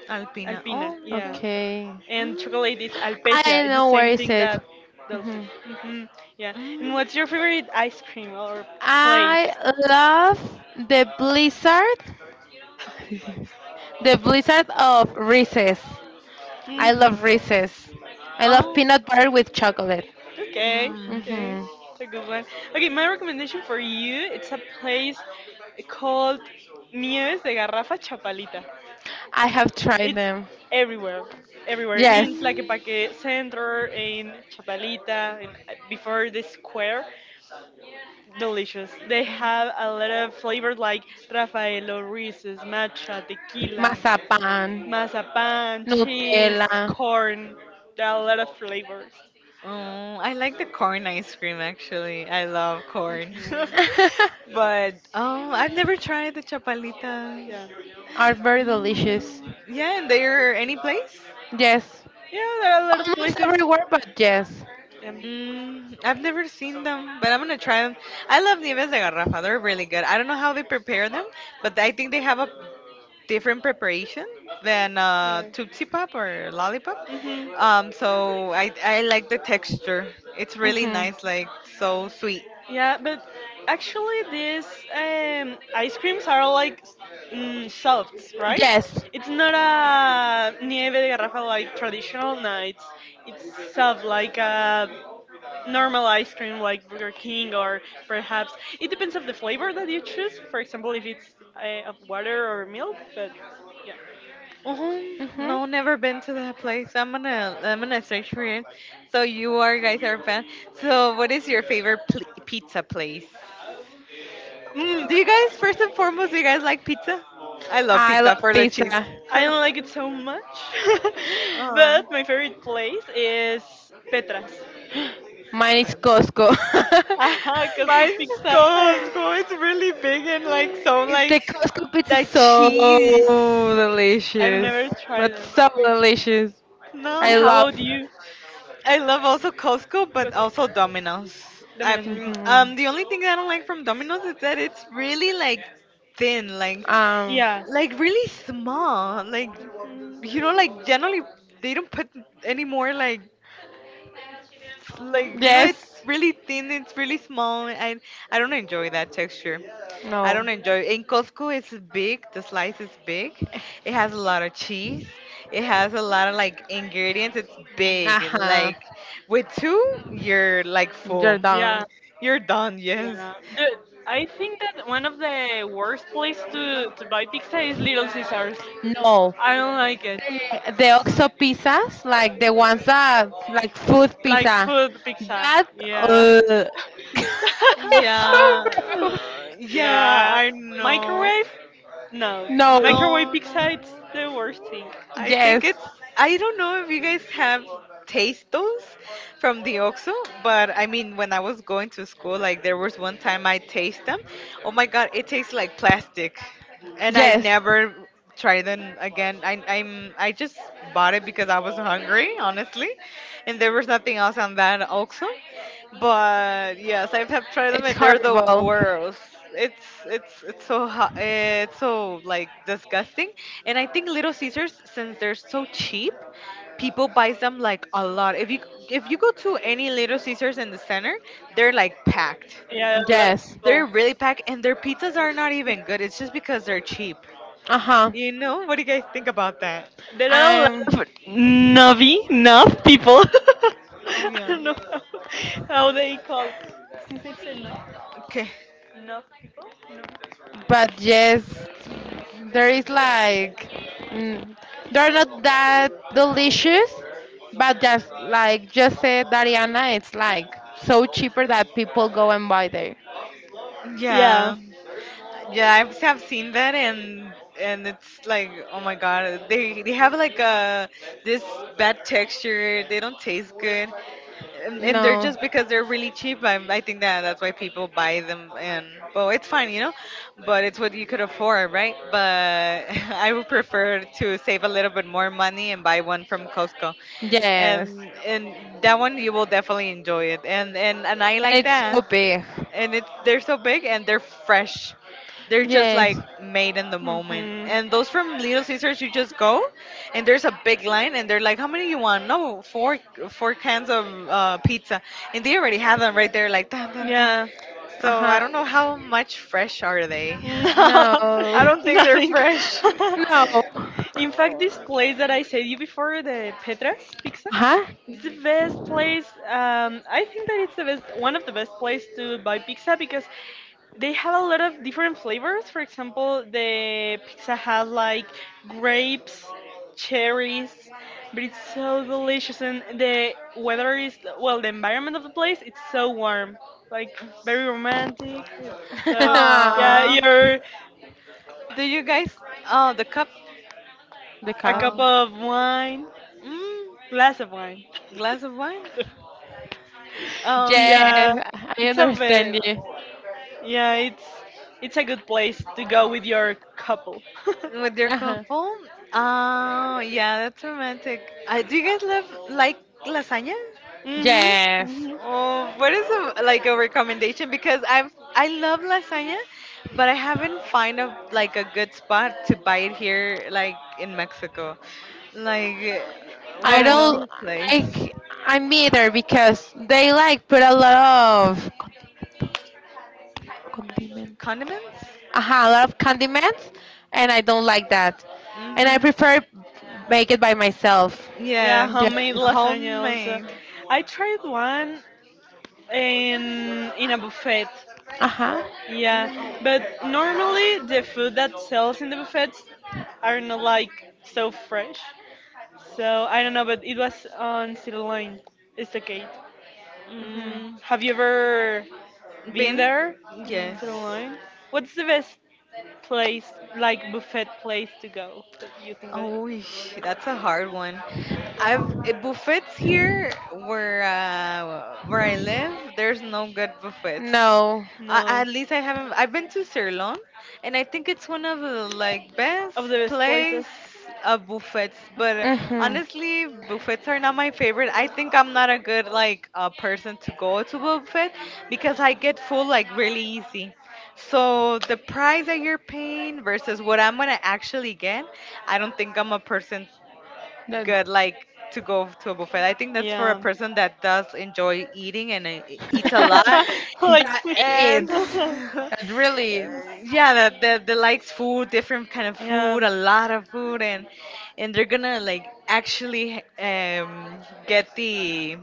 Alpina.
Alpina,
Oh,
<laughs>
okay.
yeah.
okay.
And
Mm.
chocolate is Alpecia.
I
It's the
know
same
where is
thing
it.
that Dulce.
Mhm.
Hmm. Yeah. And
Mm,
what's your favorite ice cream or
I
place?
love the blizzard. <laughs> The blizzard of recess. I
Mm,
love
mm,
Reese's. I love
oh,
peanut butter with chocolate.
mm,
okay,
mm,
okay.
Hmm.
mm.
It's a good one. Okay, my recommendation for you, it's a place called Nieves de Garrafa Chapalita.
I have tried
It's
them.
everywhere, everywhere.
Yes,
In Tlaquepaque Center, in Chapalita, before the square. Delicious. They have a lot of flavors like Rafaelo Reese's, matcha, tequila,
mazapan,
mazapan, cheese,
Nutella.
corn. There are a lot of flavors.
Oh, I like the corn ice cream actually. I love corn. <laughs>
Mhm.
<laughs>
But oh, I've never tried the chapalitas.
Yeah.
are very delicious.
Mm, yeah, and they're any place?
Yes,
Yeah, there are a lot of
almost
places.
everywhere, but yes.
Um,
Mm, I've never seen them, but I'm gonna try them. I love nieves de garrafa. They're really good. I don't know how they prepare them, but I think they have a different preparation than
Yeah.
Tootsie Pop or Lollipop.
Mhm.
So I like the texture. It's really
Hmm.
nice, like so sweet.
Yeah, but actually these ice creams are like softs, right?
Yes.
It's not a nieve de garrafa like traditional. No, it's soft like a normal ice cream like Burger King or perhaps it depends of the flavor that you choose. For example, if it's of water or milk, but yeah.
Oh
Hmm.
no, never been to that place. I'm gonna search for it. So you are guys are a fan. So what is your favorite pizza place?
Mm,
Do you guys, first and foremost, do you guys like pizza? I love
I
pizza
love
for the
pizza.
cheese.
<laughs>
<laughs>
I don't
Oh.
like it so much, <laughs> but my favorite place is Petra's.
Mine is Costco.
<laughs> Aha, Costco
Mine's
pizza.
<laughs>
Costco. It's really big and like so
<sighs>
It's
like
the Costco pizza
the
is so
cheese.
I've never
delicious,
tried
but
it.
so delicious.
And
I
how
love.
No,
about you?
I love also Costco, but also Domino's.
Domino's Pizza.
Hmm.
The only thing I don't like from Domino's is that it's really like thin, like,
Um.
Yeah,
really small. Like generally they don't put any more like it's
Yes.
really thin, it's really small, and I don't enjoy that texture. I
No.
don't enjoy in Costco it's big, the slice is big, it has a lot of cheese, it has a lot of like ingredients, it's big,
Uh huh.
like with two you're like full.
You're
yeah,
done.
You're done, yes.
yeah. I think that one of the worst places to buy pizza is Little Caesars.
No.
I don't like it.
The OXO pizzas, like the ones that like food
Like
pizza,
food pizza.
that
Yeah.
uh, <laughs>
<laughs>
it's
Yeah,
so gross.
<laughs>
yeah,
Yeah,
I know.
microwave? No,
No.
No,
microwave
no, no.
pizza it's the worst thing.
I think
Yes.
it's. I don't know if you guys have taste those from the OXXO, but I mean, when I was going to school, like there was one time I taste them. Oh my God, it tastes like plastic, and I
Yes.
never tried them again. I, I'm. I just bought it because I was hungry, honestly, and there was nothing else on that OXXO. But yes, I have tried them
It's
and they're the
horrible.
worst. It's it's so hot. It's so like disgusting. And I think Little Caesars, since they're so cheap, people buys them like a lot. If you go to any Little Caesars in the center, they're like packed.
Yeah, a lot of
Yes.
They're
people.
really packed, and their pizzas are not even good. It's just because they're cheap.
Uh-huh.
You know, what do you guys think about that?
There are a
Um,
lot of nubby, nub people. <laughs> I
Yeah.
don't know how they call. Since it's a nub,
Okay.
nub people. Nub.
but yes, there is like mm, they're not that delicious, but just like just said Dariana, it's like so cheaper that people go and buy there.
Yeah.
Yeah.
Yeah, I've, have seen that, and it's like oh my god, they have like a this bad texture. They don't taste good, and they're
No.
just because they're really cheap. I think that that's why people buy them. And well, it's fine, but it's what you could afford, right? But <laughs> I would prefer to save a little bit more money and buy one from Costco
Yes.
and that one you will definitely enjoy it, and I
And
like
it's
that,
so big.
and it's they're so big and they're fresh. They're just like
Yes.
made in the moment.
Hmm.
And those from Little Caesars, you just go, and there's a big line, and they're like, "How many you want?" No, four cans of pizza, and they already have them right there, like dun dun dun.
Yeah.
So I
Uh-huh.
don't know how much fresh are they.
No,
<laughs> I
No.
don't
<laughs>
think they're
nothing.
fresh.
No.
<laughs> In fact, this place that I said you before, the Petras Pizza,
Huh?
it's the best place. I think that it's the best, one of the best place to buy pizza because they have a lot of different flavors. For example, the pizza had like grapes, cherries, but it's so delicious and the weather is, well, the environment of the place it's so warm, like very romantic. So yeah,
<laughs>
Aww.
you're
Do you guys? Oh, the cup.
the
a
cow.
cup
Oh.
of wine,
Mm,
glass of wine.
glass of wine.
<laughs>
Oh, okay.
Yeah,
Yes, I
it's a bit.
understand you.
Yeah, it's a good place to go with your couple. <laughs>
With your
Uh-huh.
couple? Oh, yeah, that's romantic. Do you guys love like lasagna?
Mhm.
Yes,
Mhm.
Oh, what is a, like a recommendation? Because I love lasagna, but I haven't find a like a good spot to buy it here, like in Mexico. Like,
I
I
what
don't
would
know.
be
don't.
a place?
I I'm either because they like put a lot of condimento.
Condiments?
Aha, a lot of condiments, and I don't like that. And I
Mm-hmm.
prefer make it by myself.
Yeah,
Yes,
Yeah.
homemade lasagna also.
homemade.
I tried one in a buffet.
Aha.
Yeah,
Mm.
but normally the food that sells in the buffets are not like so fresh. So I don't know, but it was on sirloin. It's okay.
Mhm.
Mm,
Have you ever been
been?
there in
Yes.
Sirloin? What's the best place, like buffet place to go that you think that
Oh, eesh, that's a hard one. I've buffets here where I live. There's no good buffets.
No.
I,
No.
at least I haven't. I've been to Ceylon, and I think it's one of the like
Of
best
the best places?
place buffets. But
Mhm.
honestly, buffets are not my favorite. I think I'm not a good like person to go to a buffet because I get full like really easy. So the price that you're paying versus what I'm gonna actually get, I don't think I'm a person
Then.
good like to go to a buffet. I think that's for a
Yeah.
person that does enjoy eating and
<laughs>
eats a lot
<laughs> Like
that
and
<laughs>
it's
<laughs>
that really it's
yeah that likes food, different kind of
yeah.
food, a lot of food, and they're gonna like actually get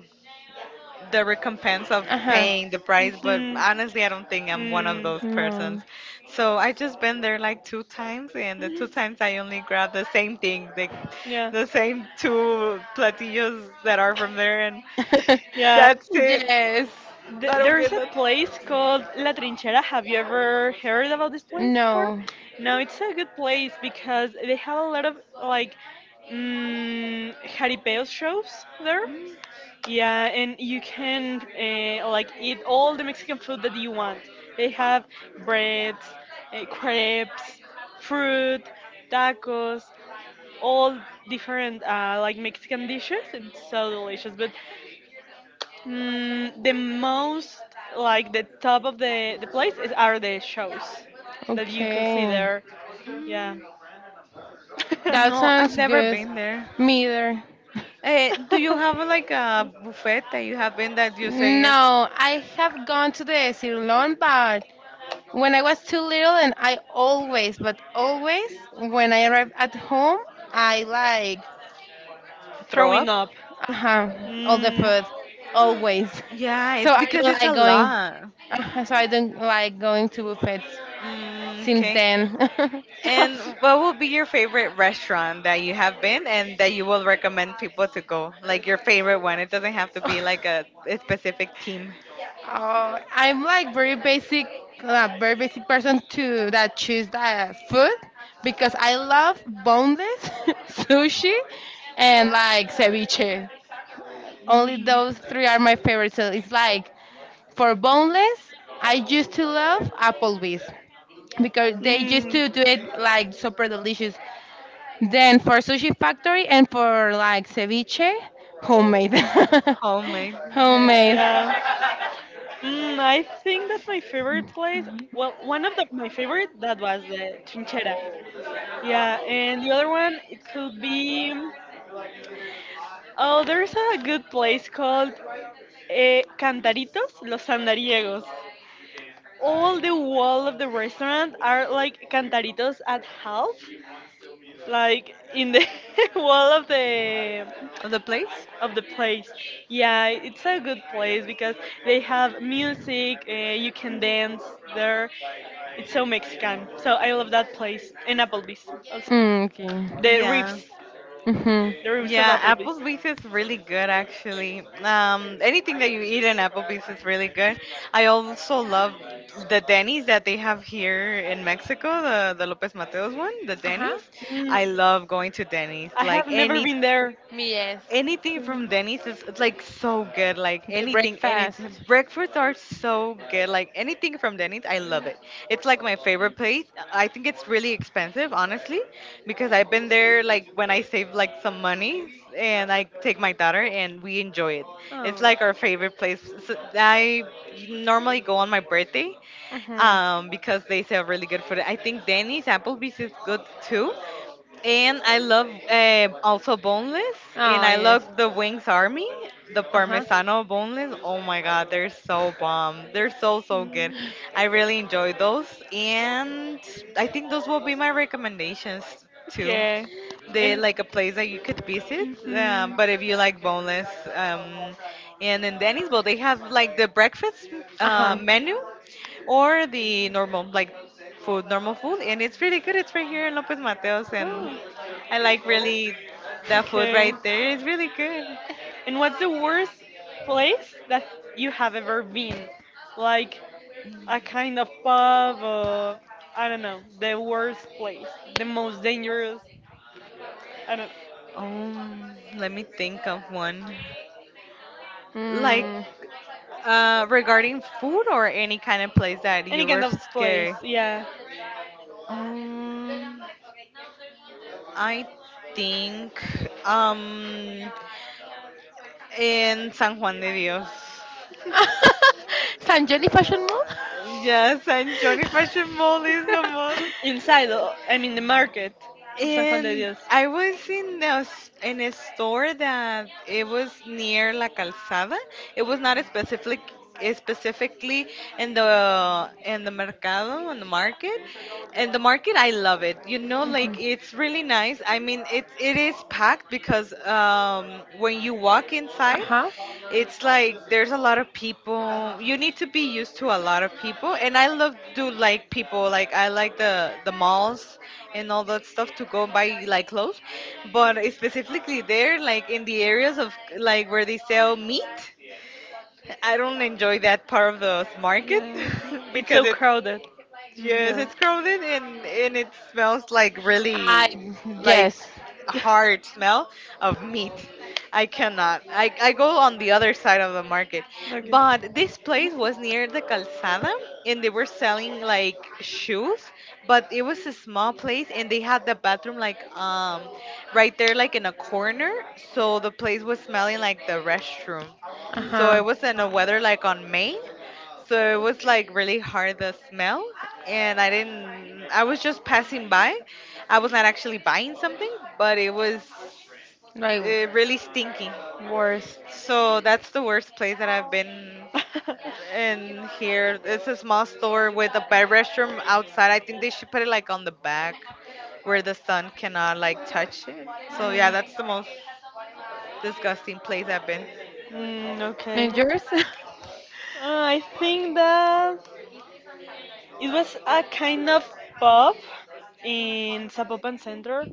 the recompense of
uh-huh
paying the price, but
Mhm.
honestly I don't think I'm one of
Mm.
those persons.
no
So I just been there like two times, and the two times I only grabbed the same thing,
Yeah,
the same two platillos that are from there, and
<laughs>
yeah.
that's it.
yes
Th-
I don't
there is
get
a
that.
place called La Trinchera. Have you ever heard about this place before?
no
No, it's a good place because they have a lot of like jaripeos shows there. Yeah, and you can like eat all the Mexican food that you want. They have breads, crepes, fruit, tacos, all different like Mexican dishes. It's so delicious. But the most like the top of the place is are the shows that you can see
okay
there. Yeah,
Mm.
that
No, I've
sounds
never
good
been there.
me either
Eh, do you have like a
<laughs>
buffet that you have been that you say it
no I have gone to the Cirlon but when I was too little and I always but always when I arrived at home I like
throw up?
throwing up.
Uh-huh. All the
Mm.
food, always. <laughs>
Yeah,
So
it's
I
because
don't
it's
like
a
going.
lot.
So I don't like going to buffets
Mm,
since
okay.
then. <laughs> oh,
And what would be your favorite restaurant that you have been and that you will recommend people to go? Like your favorite one. It doesn't have to be like a specific team.
I'm like very basic person to that choose the food because I love boneless <laughs> sushi and like ceviche. Only
Hmm.
those three are my favorites. So it's like for boneless, I used to love Applebee's because they used
Mm.
to do it like super delicious. Then for sushi factory and for like ceviche, homemade. <laughs>
Homemade.
homemade.
Yeah. I think that my favorite place, well, one of the, my favorite, that was the Chinchera. Yeah, and the other one, it could be, oh, there's a good place called Cantaritos Los Andariegos. All the wall of the restaurant are like cantaritos at half, like in the <laughs> wall of the
Of the place?
of the place. Yeah, it's a good place because they have music. You can dance there. It's so Mexican. So I love that place and Applebee's also.
Mm, okay.
The
Yeah.
ribs,
Mhm.
the ribs of
Yeah,
Applebee's.
Applebee's is really good actually. Anything that you eat in Applebee's is really good. I also love the Denny's that they have here in Mexico, the Lopez Mateos one, the
Uh huh.
Denny's. I
Mm.
love going to Denny's.
I have never been there.
Yes.
Anything from Denny's is it's like so good. Like
The
anything, anything.
breakfast.
Breakfasts are so good. Like anything from Denny's, I love it. It's like my favorite place. I think it's really expensive, honestly, because I've been there like when I save like some money and I take my daughter and we enjoy it. It's like
Oh.
our favorite place. So I normally go on my birthday
Mhm.
because they sell really good food. I think Denny's, Applebee's is good too. And I love also boneless, and
Oh
I
yes.
love the Wings Army, the
Uh huh.
Parmesano boneless. Oh my God, they're so bomb. They're so so good. I really enjoy those, and I think those will be my recommendations
Mm.
too.
Okay.
They
And
like a place that you could visit,
mhm.
but if you like boneless, um, and in Denny's, well, they have like the breakfast
Uh huh.
menu or the normal like food, normal food, and it's really good. It's right here in Lopez Mateos, and
Oh.
I like really that food right
Okay.
there. It's really good.
And what's the worst place that you have ever been? Like a kind of pub or I don't know, the worst place, the most dangerous, I don't
Let me think of one like
Mm.
know.
regarding food or any kind of place that
Any
you were
kind of place,
scared.
yeah.
Um I think um in San Juan de Dios. <laughs>
<laughs> San Jose Fashion Mall. <laughs>
Yeah, San Johnny Fashion Mall is the most.
Inside, I mean the market of San Juan de
And
Dios.
I was in in a store that it was near La Calzada. It was not specifically in the mercado, in the market. And the market I love it, you know, like
Mhm.
it's really nice. I mean it is packed because when you walk inside,
Uh-huh.
it's like there's a lot of people. You need to be used to a lot of people, and I love do like people. Like I like the malls and all that stuff to go buy like clothes, but specifically there, like in the areas of like where they sell meat, I don't enjoy that part of the market
Yeah.
<laughs>
It's
because
so
it's
crowded.
Yes,
Yeah.
it's crowded and it smells like
I
really like
yes.
a hard smell of meat. I cannot. I go on the other side of the market.
Okay. <laughs>
But this place was near the calzada, and they were selling like shoes, but it was a small place and they had the bathroom like right there like in a corner, so the place was smelling like the restroom. So
Uh-huh.
it was in a weather like on May, so it was like really hard the smell, and I didn't I was just passing by. I was not actually buying something, but it was
Like
really stinky.
worse.
So that's the worst place that I've been in
<laughs>
here. It's a small store with a bed restroom outside. I think they should put it like on the back where the sun cannot like touch it. So yeah, that's the most disgusting place I've been.
I Mm, okay.
And yours? <laughs>
I think that it was a kind of pub in Zapopan Center,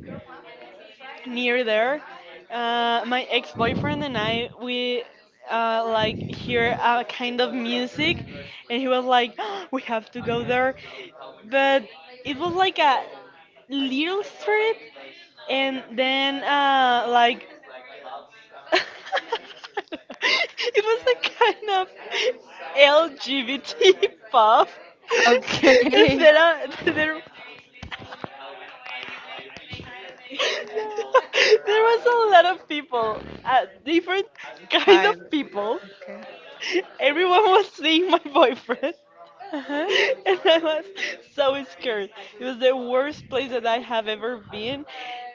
near there. My ex-boyfriend and I, we like hear a kind of music, and he was like, <gasps> "We have to go there," but it was like a little street, and then like <laughs> it was a kind of LGBT pub. <laughs> And
okay.
<laughs> there was a lot of people, different kind
Kind.
of people.
Okay.
Everyone was seeing my boyfriend. <laughs>
Uh-huh.
And I was so scared. It was the worst place that I have ever been.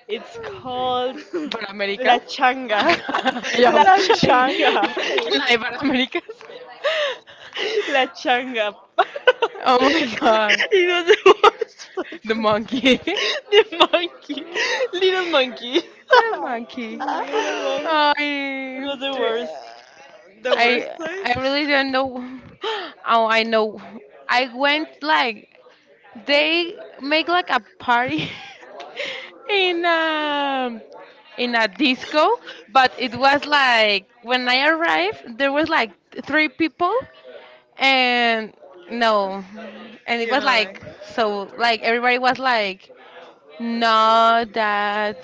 It's called
But
<laughs>
La
Americas?
Changa.
<laughs>
<laughs>
yeah.
La
La
<laughs>
changa?
Changa.
Like,
<laughs>
but Americas?
<laughs> La
<laughs>
Changap. Oh
oh
my.
my
<laughs>
god.
It was the worst place.
The monkey, <laughs>
The monkey. Little monkey.
little
<laughs>
monkey.
Little bug.
Oh,
It
I,
was the
Three,
worst.
the
I
workplace?
really don't know. <gasps> Oh, I know. I went like they make like a party <laughs> in um in a disco, but it was like when I arrived, there was like three people, and no, and it
You know,
was
like,
like so like everybody was like not that.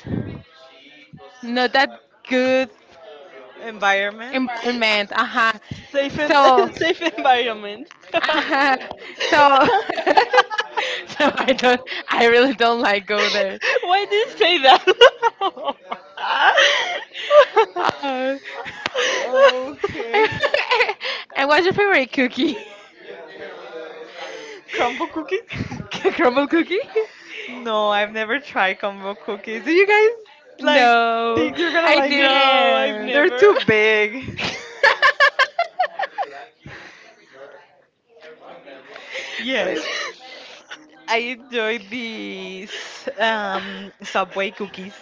not that good
environment?
environment. Uh-huh.
<laughs> Safe and
So,
<laughs> safe environment.
uh-huh. so, <laughs> so I don't, I really don't
<laughs>
like go there.
Why did you say that?
Uh,
Okay.
<laughs> and what's your favorite cookie?
<laughs> Crumble cookies? <laughs>
<laughs> Crumble cookie?
No, I've never tried crumble cookies. Do you guys, like,
No,
think you're gonna
I
<laughs>
like it?
No, I've
They're
never.
too
<laughs>
big.
didn't. <laughs>
Yes.
<laughs>
I enjoy these Subway cookies.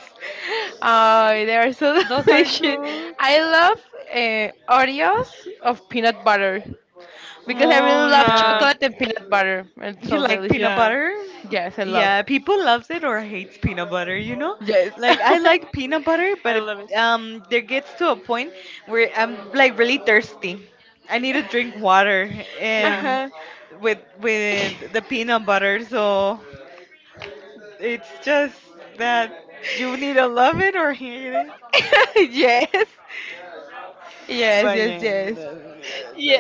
Oh, they are so <laughs>
Those are
delicious.
good.
I love Oreos of peanut butter because I
Oh
really love
yeah.
Uh,
chocolate and peanut butter. It's
You
so
like
delicious.
peanut
yeah,
butter?
Yes, I love.
Yeah, people loves it or hates peanut butter, you know?
Yes.
Like I like peanut butter,
I
but it,
love it.
um there gets to a point where I'm like really thirsty. I need to drink water
<laughs>
Yeah.
and
uh-huh.
with the
<laughs>
peanut butter, so it's just that you need to love it or hate it.
yes. Yes,
But
yes,
yeah,
yes.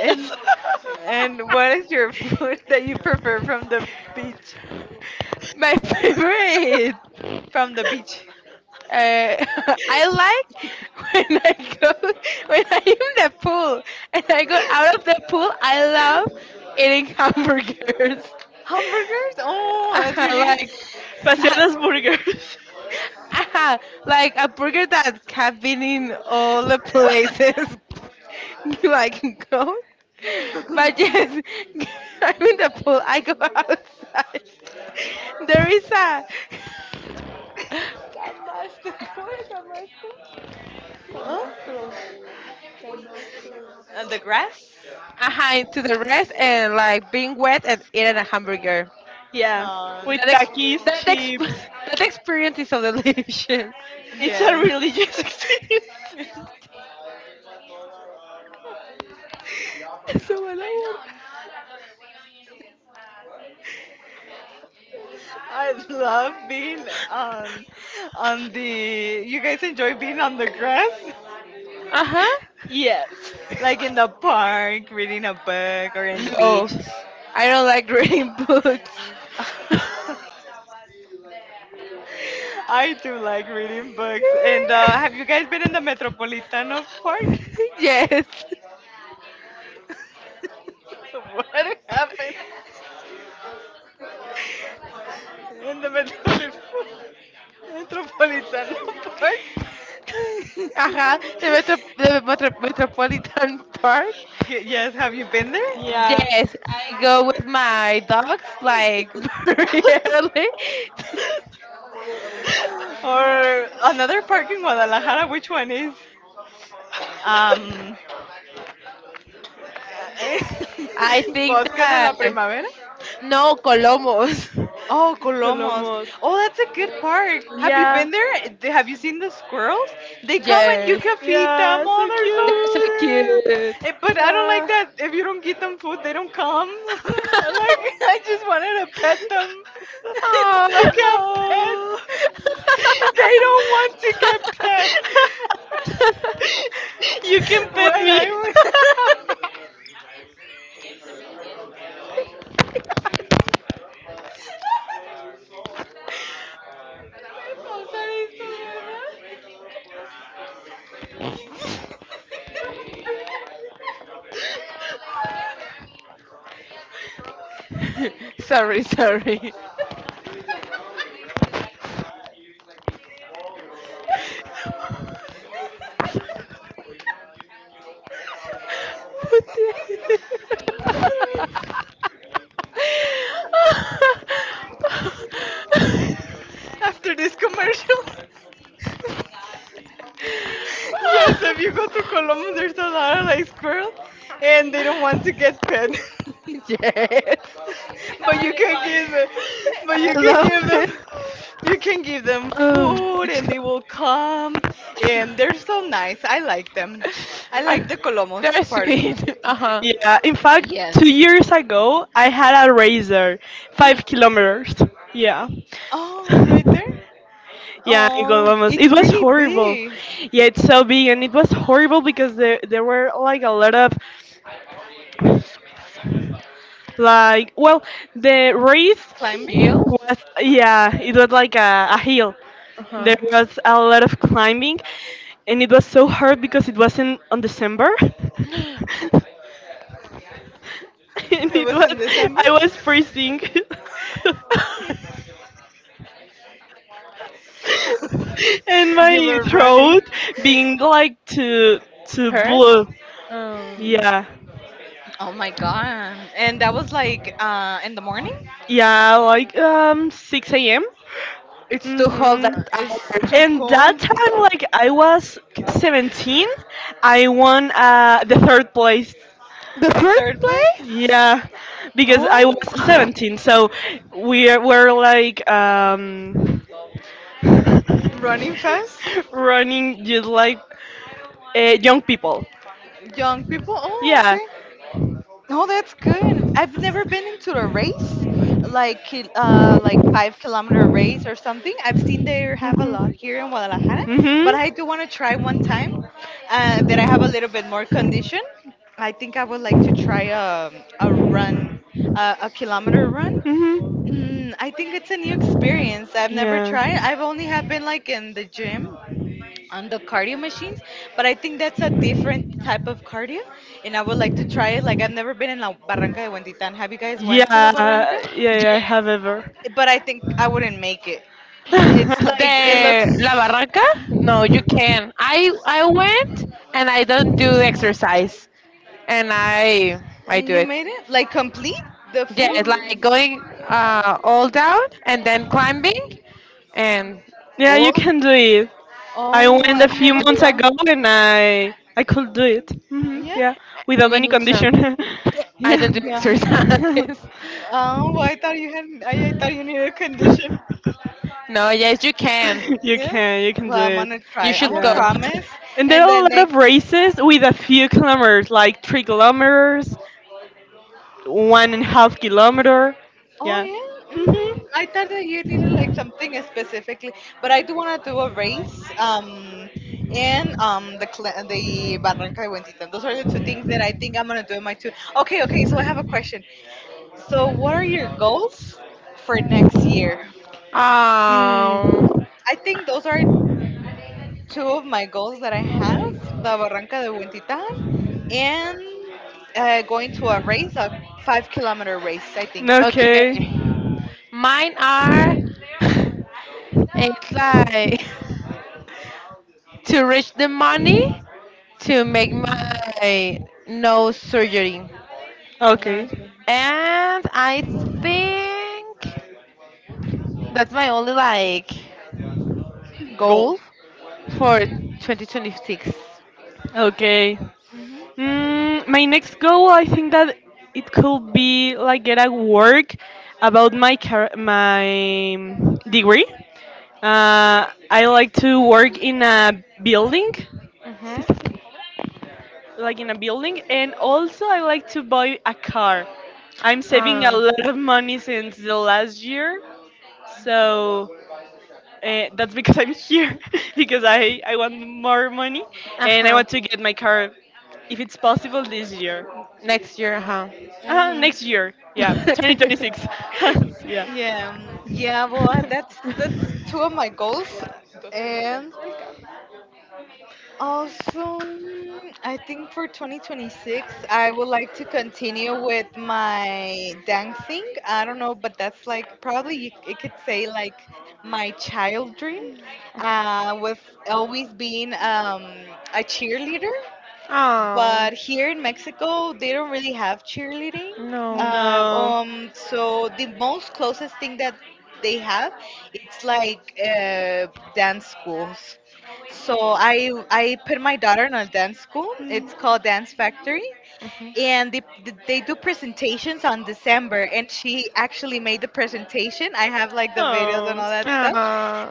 and
<laughs>
and what is your <laughs> food that you prefer from the beach?
My favorite.
From the beach,
<laughs> I like when I go <laughs> when I am in the pool and I go out of the pool. I love eating hamburgers. <laughs>
hamburgers. Oh,
<laughs>
that's really good.
like
Ah,
Paseadas burgers.
<laughs> like a burger that have been in all the places <laughs> like go but yes <laughs> I'm in the pool I go outside <laughs> there is a <laughs> Camasto, ¿cómo era camasto?
<laughs> oh, and the grass.
Ajá, to <laughs> the rest and like being wet and eating a hamburger.
Yeah,
No.
with
That ex-
takis,
<laughs>
chips.
that experience is so delicious.
It's a
Yes.
religious <laughs> experience.
<laughs>
<laughs>
Eso va la borda.
I love being on the you guys enjoy being on the grass?
Uh huh.
Yes.
Like in the park, reading a book or in the
No,
beach. <laughs>
I don't like reading books.
I do like reading books. And have you guys
<laughs>
been in the Metropolitano Park? <laughs>
yes.
What happened in the Metropolitano? Metropolitan <laughs> Park.
Ajá, de
<laughs>
Metro- Metropolitan Park.
Y- yes, have you been there?
Yeah.
Yes, I go with my dogs like <laughs> really.
Or another park in Guadalajara, which one is? Um,
<laughs>
I
<laughs>
think
Bosque de la
that
Primavera?
no Colomos. <laughs>
Oh, Colomos.
Colomos.
Oh, that's a good park. Have you
Yeah.
been there? Th- Have you seen the squirrels? They come and you
Yes,
can feed them.
Yeah,
Oh,
so
they're so
they're so
cute.
cute.
cute.
Eh, but I don't like
Yeah.
that. If you don't give them food, they don't come. <laughs> Like, I just wanted to pet them. <laughs> You can't
Oh.
pet.
Oh.
<laughs> They don't want to get pet.
<laughs>
<laughs>
You can
<laughs> When
pet me.
I
<laughs>
sorry, sorry. What the-
<laughs> after this commercial. Yes, if you go to
<laughs>
Colombia, there's a lot of like squirrels, and they don't want to get pet. <laughs>
yes.
but you can give them, but you
I
can
love
give them,
it.
You can give them
Oh,
food,
it's
and they
co-
will come, and they're so nice. I like them. I like the
<laughs>
Colomos
there's
Park.
pain. <laughs> Uh huh.
Yeah, in fact,
Yes.
2 years ago, I had a razor, 5 kilometers. Yeah.
Oh, right there.
<laughs> Yeah, in
Oh,
Columbus. It
it's
was
really
horrible.
big.
Yeah, it's so big and it was horrible because there were like a lot of. Like, well, the race
Climbing.
Healed.
was, yeah, it was like a hill.
Uh
There was a lot of climbing, and it was so hard because it wasn't on December. <laughs>
huh.
And
It
it
was in
was,
December.
I was freezing. <laughs>
<laughs>
And
<laughs> You
my
were running.
throat being like to
Hurt.
blue.
Oh,
Yeah,
Oh my god. And that was like in the morning?
yeah, like 6 a.m.
it's to hold
Mhm.
that
It's
out.
too
And
cold.
that time, like I was 17, I won the third place.
The
The
third
third play?
place.
Yeah, because I was
Oh,
<sighs>
17, so were like <laughs>
running fast?
running just like young people.
Young people? Oh,
Yeah.
okay. Oh, that's good. I've never been into a race, like like 5 kilometer race or something. I've seen they have a
Mhm.
lot here in Guadalajara, but I do want to try one time that I have a little bit more
Mhm.
condition. I think I would like to try a run, a kilometer run.
Mhm.
I think it's a new experience. I've never tried.
Yeah.
I've only have been like in the gym on the cardio machines, but I think that's a different type of cardio, and I would like to try it. Like I've never been in La Barranca de Huentitan. Have you guys
Yeah,
went to the Barranca?
yeah, yeah, I have ever.
But I think I wouldn't make it. It's like
<laughs>
it looks. And you made it like complete the full.
Yeah, you can do it. I
Oh,
went a
I've
few
never
months ago
tried.
and I could do it. Hmm,
Yeah.
yeah, without any condition. <laughs> Yeah.
Yeah.
<laughs>
Oh, I thought you had. I thought you needed a condition.
<laughs> You
Yes.
can, you can do
Well, I'm
it.
gonna try. I'm gonna
Yeah.
promise.
And there
And
are
the
a lot of
next.
races with a few kilometers, like 3 kilometers, 1.5 kilometer.
Oh
Yeah.
yeah.
Mhm.
I thought that you needed like something specifically, but I do wanna do a race. And the Barranca de Buentita. Those are the two things that I think I'm gonna do in my two. Okay, okay. So I have a question. So what are your goals for next year?
Mm.
I think those are two of my goals that I have, the Barranca de Huentitan and going to a race, a 5 kilometer race, I think.
Okay. Okay.
That's a goal.
Okay.
hmm
Mm, my next goal, I think that it could be like get a work about my car- my degree. I like to work in a building, like in a building, and also I like to buy a car. I'm saving a lot of money since the last year, so that's because I'm here <laughs> because I want more money and I want to get my car if it's possible this year.
hmm
Next year, yeah, 2026. <laughs> Yeah.
Yeah, yeah. Well, that's
<laughs>
that's two of my goals, and also, I think for 2026, I would like to continue with my dancing. I don't know, but that's like probably you could say like my child dream was always being a cheerleader but here in Mexico, they don't really have cheerleading.
No.
So the most closest thing that they have, it's like dance schools. So I put my daughter in a dance school. It's called Dance Factory, and they do presentations on December. And she actually made the presentation. I have like the videos
Oh,
and all
it's
that
cute.
stuff.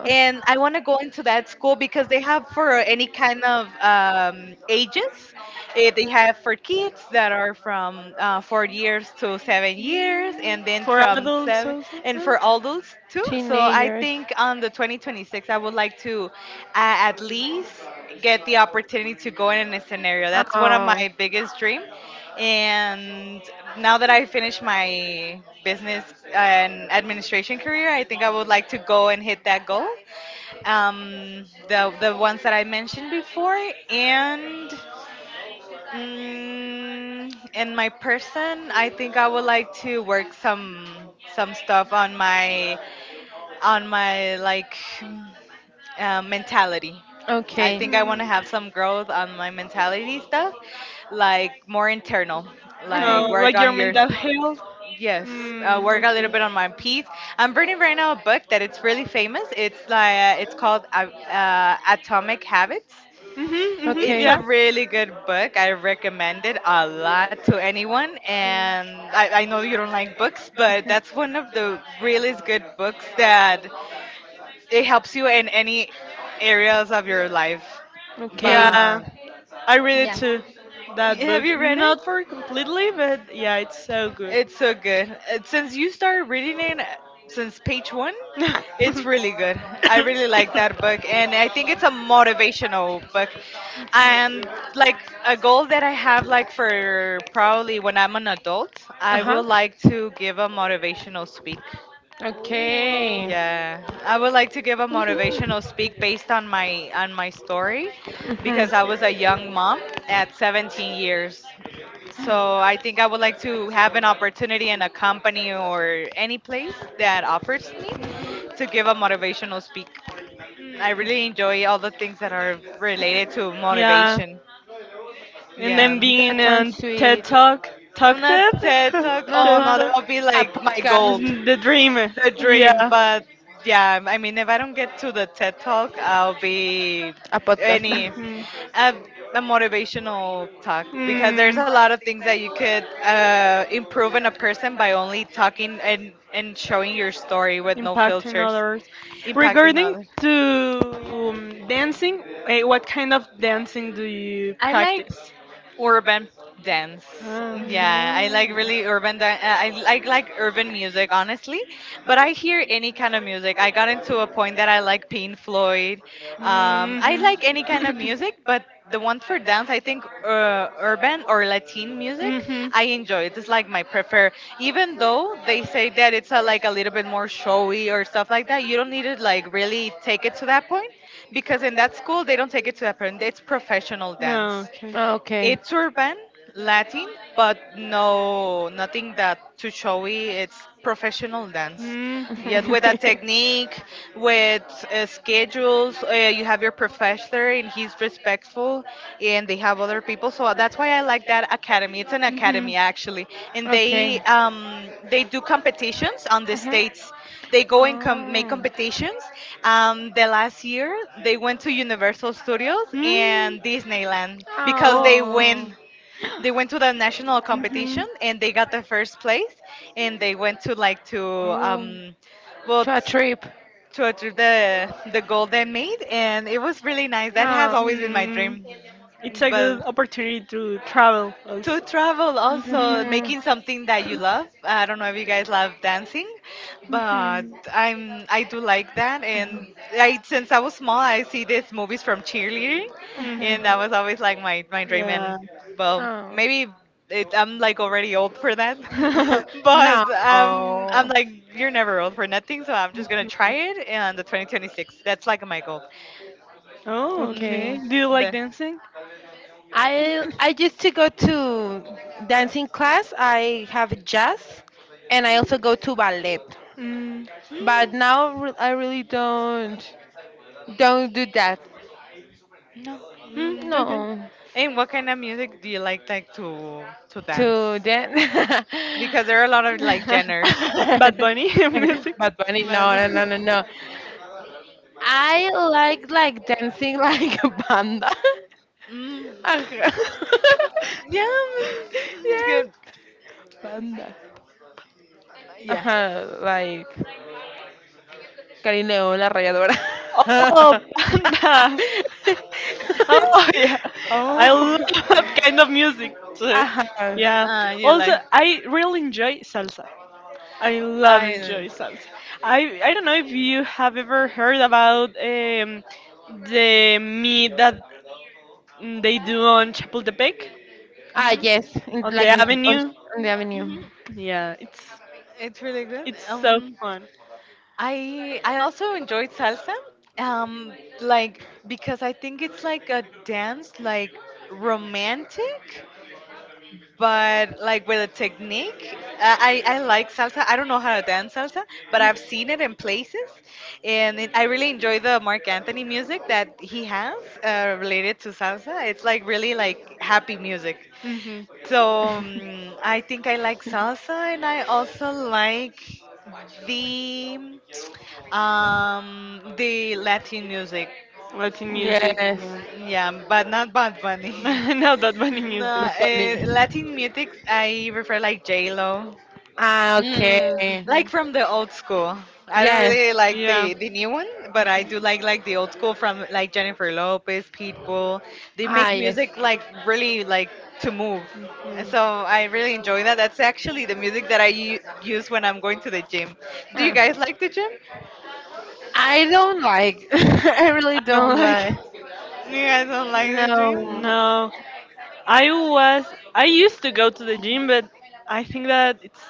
And I want to go into that school because they have for any kind of ages. They have for kids that are from 4 years to 7 years, and then
For
from
adults
seven,
also?
and
Huh?
for all those too. So I think on the 2026, I would like to at least get the opportunity to go in a scenario. That's one of my biggest dream. And now that I finished my business and administration career, I think I would like to go and hit that goal. The ones that I mentioned before, and in my person, I think I would like to work some stuff on my like mentality. I think I want to have some growth on my mentality stuff, like more internal,
Mm,
like work
like your
on your,
mental health?
yes,
Mm,
work a
okay.
little bit on my piece. I'm reading right now a book that it's really famous. It's like it's called Atomic Habits.
Mhm, mhm,
It's a
yeah.
really good book. I recommend it a lot to anyone. And I know you don't like books, but that's one of the really good books that it helps you in any areas of your life.
Yeah,
But
I read it too. That book,
have you
really
read it?
not for completely, but yeah, it's so good.
It's so good. Since you started reading it, since page one, it's really good. I really like that book, and I think it's a motivational book. And like a goal that I have, like for probably when I'm an adult, I will like to give a motivational speak. Yeah, I would like to give a motivational speak based on my story because I was a young mom at 17 years. So I think I would like to have an opportunity in a company or any place that offers me to give a motivational speak. I really enjoy all
<laughs>
the things that are related to
Yeah.
motivation.
And then
Yeah.
being on TED Talk,
I'm
Talk
not
TED,
TED Talk.
<laughs>
Oh
TED
no, that
Talk,
would be like my goal.
the dream.
The dream.
Yeah.
But yeah, I mean, if I don't get to the TED Talk, I'll be any
Mhm.
a, a motivational talk because there's
Mm.
a lot of things that you could improve in a person by only talking and showing your story with no
Impacting
filters,
others
impacting
regarding
others.
to dancing, eh, what kind of dancing do you
I like
practice?
urban dance.
Ah,
Yeah, I like really urban dance. I like urban music, honestly. But I hear any kind of music. I got into a point that I like Pink Floyd. I like any kind
Mhm.
of music, but the one for dance, I think urban or Latin music,
Mhm.
I enjoy it. It's like my prefer.
<coughs>
Even though they say that it's a, like a little bit more showy or stuff like that, you don't need to like really take it to that point because in that school they don't take it to that point. It's professional
No,
dance.
okay.
It's urban, Latin, but no, nothing that too showy. It's professional dance.
Mhm.
Yet with a technique, with schedules, you have your professor and he's respectful, and they have other people. So that's why I like that academy. It's an academy actually, and they do competitions on the states. They go and make competitions. The last year they went to Universal Studios and Disneyland because they win. They went to the national
<gasps>
competition
Mhm.
and they got the first place, and
Mhm.
they went to like to
Oh.
um, well to achieve the Golden they and it was really nice. That has always been my dream, but
Good opportunity to travel
to travel also making something that you love. I don't know if you guys love dancing
but
but I do like that and I since I was small I see these movies from cheerleading
and Mhm.
and that was always like my dream and
Yeah.
well maybe I'm like already old for that <laughs>
<laughs>
but I'm like you're never old for nothing so I'm just gonna try it and the 2026 that's like my goal.
Oh,
Mm,
okay. Do you like
the,
dancing? Mm.
Hmm. No.
Mm,
Mm.
okay.
And what kind of music do you like to dance? Because there are a lot of like genres.
<laughs> Bad Bunny <laughs> music.
But, mm, yeah,
<laughs>
it's good. Yeah.
Oh, <laughs> panda. Oh, <laughs> yeah, I love <laughs> that kind of music too. Yeah.
You
Also,
like
I really enjoy salsa. I love
Island.
enjoy salsa. I don't know if you have ever heard about the meet that they do on Chapultepec
hmm
on the avenue.
hmm
Yeah,
It's really good.
it's so fun.
I also enjoyed salsa. Um, like because I think it's like a dance like romantic but like with a technique. I like salsa. I don't know how to dance salsa but I've seen it in places and I really enjoy the Mark Anthony music that he has related to salsa. It's like really like happy music
Mhm.
so I think I like salsa and I also like the
Mhm.
the Latin music.
Latin music.
Yeah but
Yeah. <laughs>
not Bad Bunny. <laughs>
Bunny. <laughs> Not that funny.
No, Latin music, I prefer like J Lo,
Like,
like
Mm-hmm.
from the old school. I don't really like the new one, but I do like the old school from like Jennifer Lopez, Pitbull. They make music like really like to move. So I really enjoy that. That's actually the music that use when I'm going to the gym. Do you guys like the gym?
I don't like. <laughs>
You guys don't like the
Gym?
gym?
No. I was I used to go to the gym, but I think that it's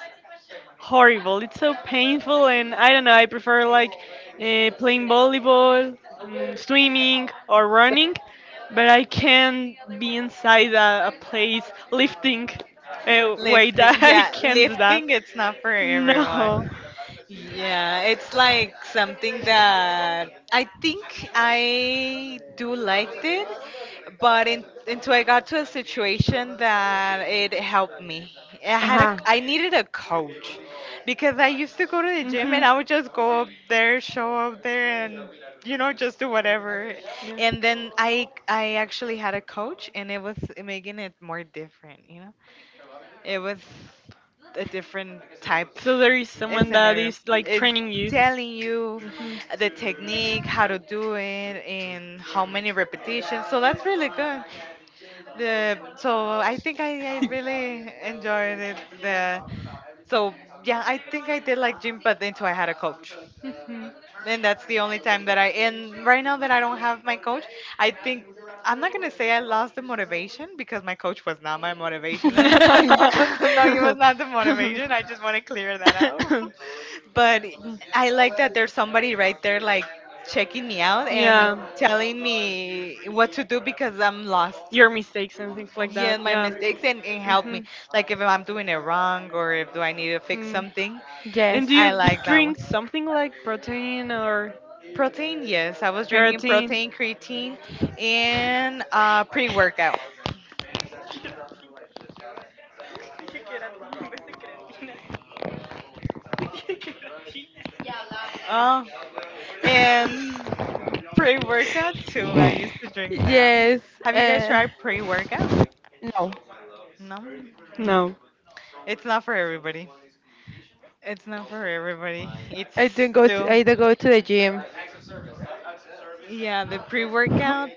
horrible. It's so painful, and I don't know. I prefer like playing volleyball, mm, swimming, or running, but I can't be inside a place lifting weight. <laughs>
Lifting,
I
yeah,
can't do that.
lifting. It's not for everyone.
No.
Yeah, it's like something that I think I do liked it, but until I got to a situation that it helped me. I needed a coach because I used to go to the gym
Hmm.
and I would just go up there, show up there, and you know just do whatever. And then I actually had a coach, and it was making it more different. You know, it was a different
Yeah.
type
So there is someone that
listener
is like
is
training you.
telling you
Mhm.
the technique, how to do it, and how many repetitions. So that's really good. The so I think I really enjoyed it. The so Yeah, I think I did like gym, but until I had a coach
Mhm.
and that's the only time that I and right now that I don't have my coach, I think I'm not gonna say I lost the motivation because my coach was not my motivation. <laughs> No, he was not the motivation. I just want to clear that out. <laughs> But I like that there's somebody right there like checking me out
<laughs>
and
Yeah.
telling me what to do because I'm lost.
Your mistakes and things like
Yeah,
that.
my
Yeah.
mistakes and help me.
Mhm.
Like if I'm doing it wrong or if do I need to fix
Mm.
something,
And do you
I like that one.
drink something like protein or
Protein, yes. I was drinking
keratin?
protein, creatine, and pre-workout. Uh, and pre-workout too. I used to drink that. Have you guys tried pre-workout? No. Mm.
No.
It's not for everybody. It's not for everybody. It's still yeah. The pre-workout.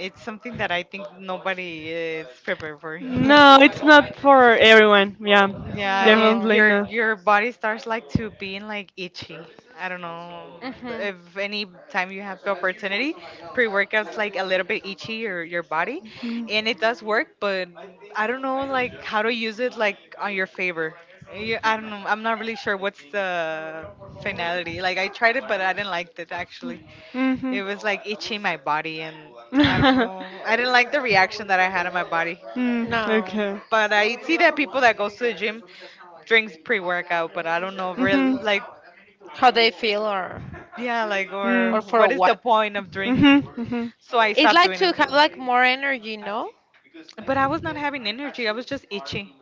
It's something that I think nobody is prepared for. <laughs>
No, it's not for everyone. Yeah,
Yeah, it
definitely not.
your body starts like to being like itchy. I don't know if any time you have the opportunity, pre-workouts like a little bit itchy your body, and it does work, but I don't know like how to use it like on your favor. I don't know. I'm not really sure what's the finality. Like I tried it, but I didn't like it actually.
Mm-hmm.
It was like itching my body, and I don't
<laughs>
know. I didn't like the reaction that I had in my body.
Mm, okay.
But I see that people that goes to the gym drinks pre-workout, but I don't know real
Mhm.
like yeah, like
Mm.
or what is the point of drink?
Mhm. Mhm.
So I stopped doing it. But I was not having energy. I was just itchy.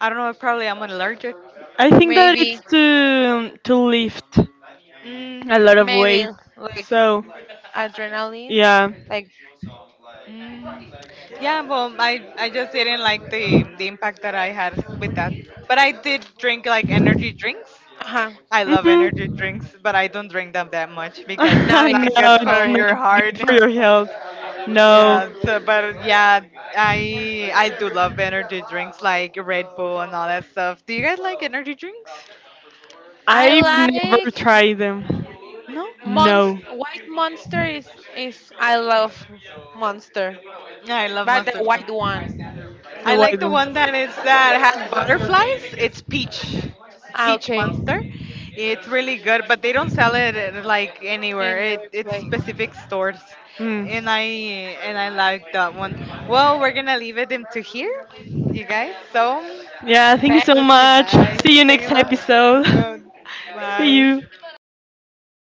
I don't know if probably I'm allergic.
I think that it's to lift
Mm,
a lot of weight. So yeah.
mm. Yeah, well, I just didn't like the impact that I had with that. But I did drink like energy drinks. I love energy drinks,
Mhm.
but I don't drink them that much
<laughs>
because it's not
No,
good
it's
for your
not
heart.
good for your
<laughs>
health. No,
Yeah, so, but yeah, I do love energy drinks like Red Bull and all that stuff. Do you guys like energy drinks?
I've never tried them.
No?
No,
No, I love Monster too.
the
I
white
like the one
one.
that is that has butterflies. It's peach, peach monster. It's really good, but they don't sell it like anywhere. It's specific stores, and I like that one. Well, we're gonna leave it into here,
Mm.
you guys. So
Yeah, thank you so much.
bye.
See you
Thank
next
you.
episode. <laughs> See
Bye.
you.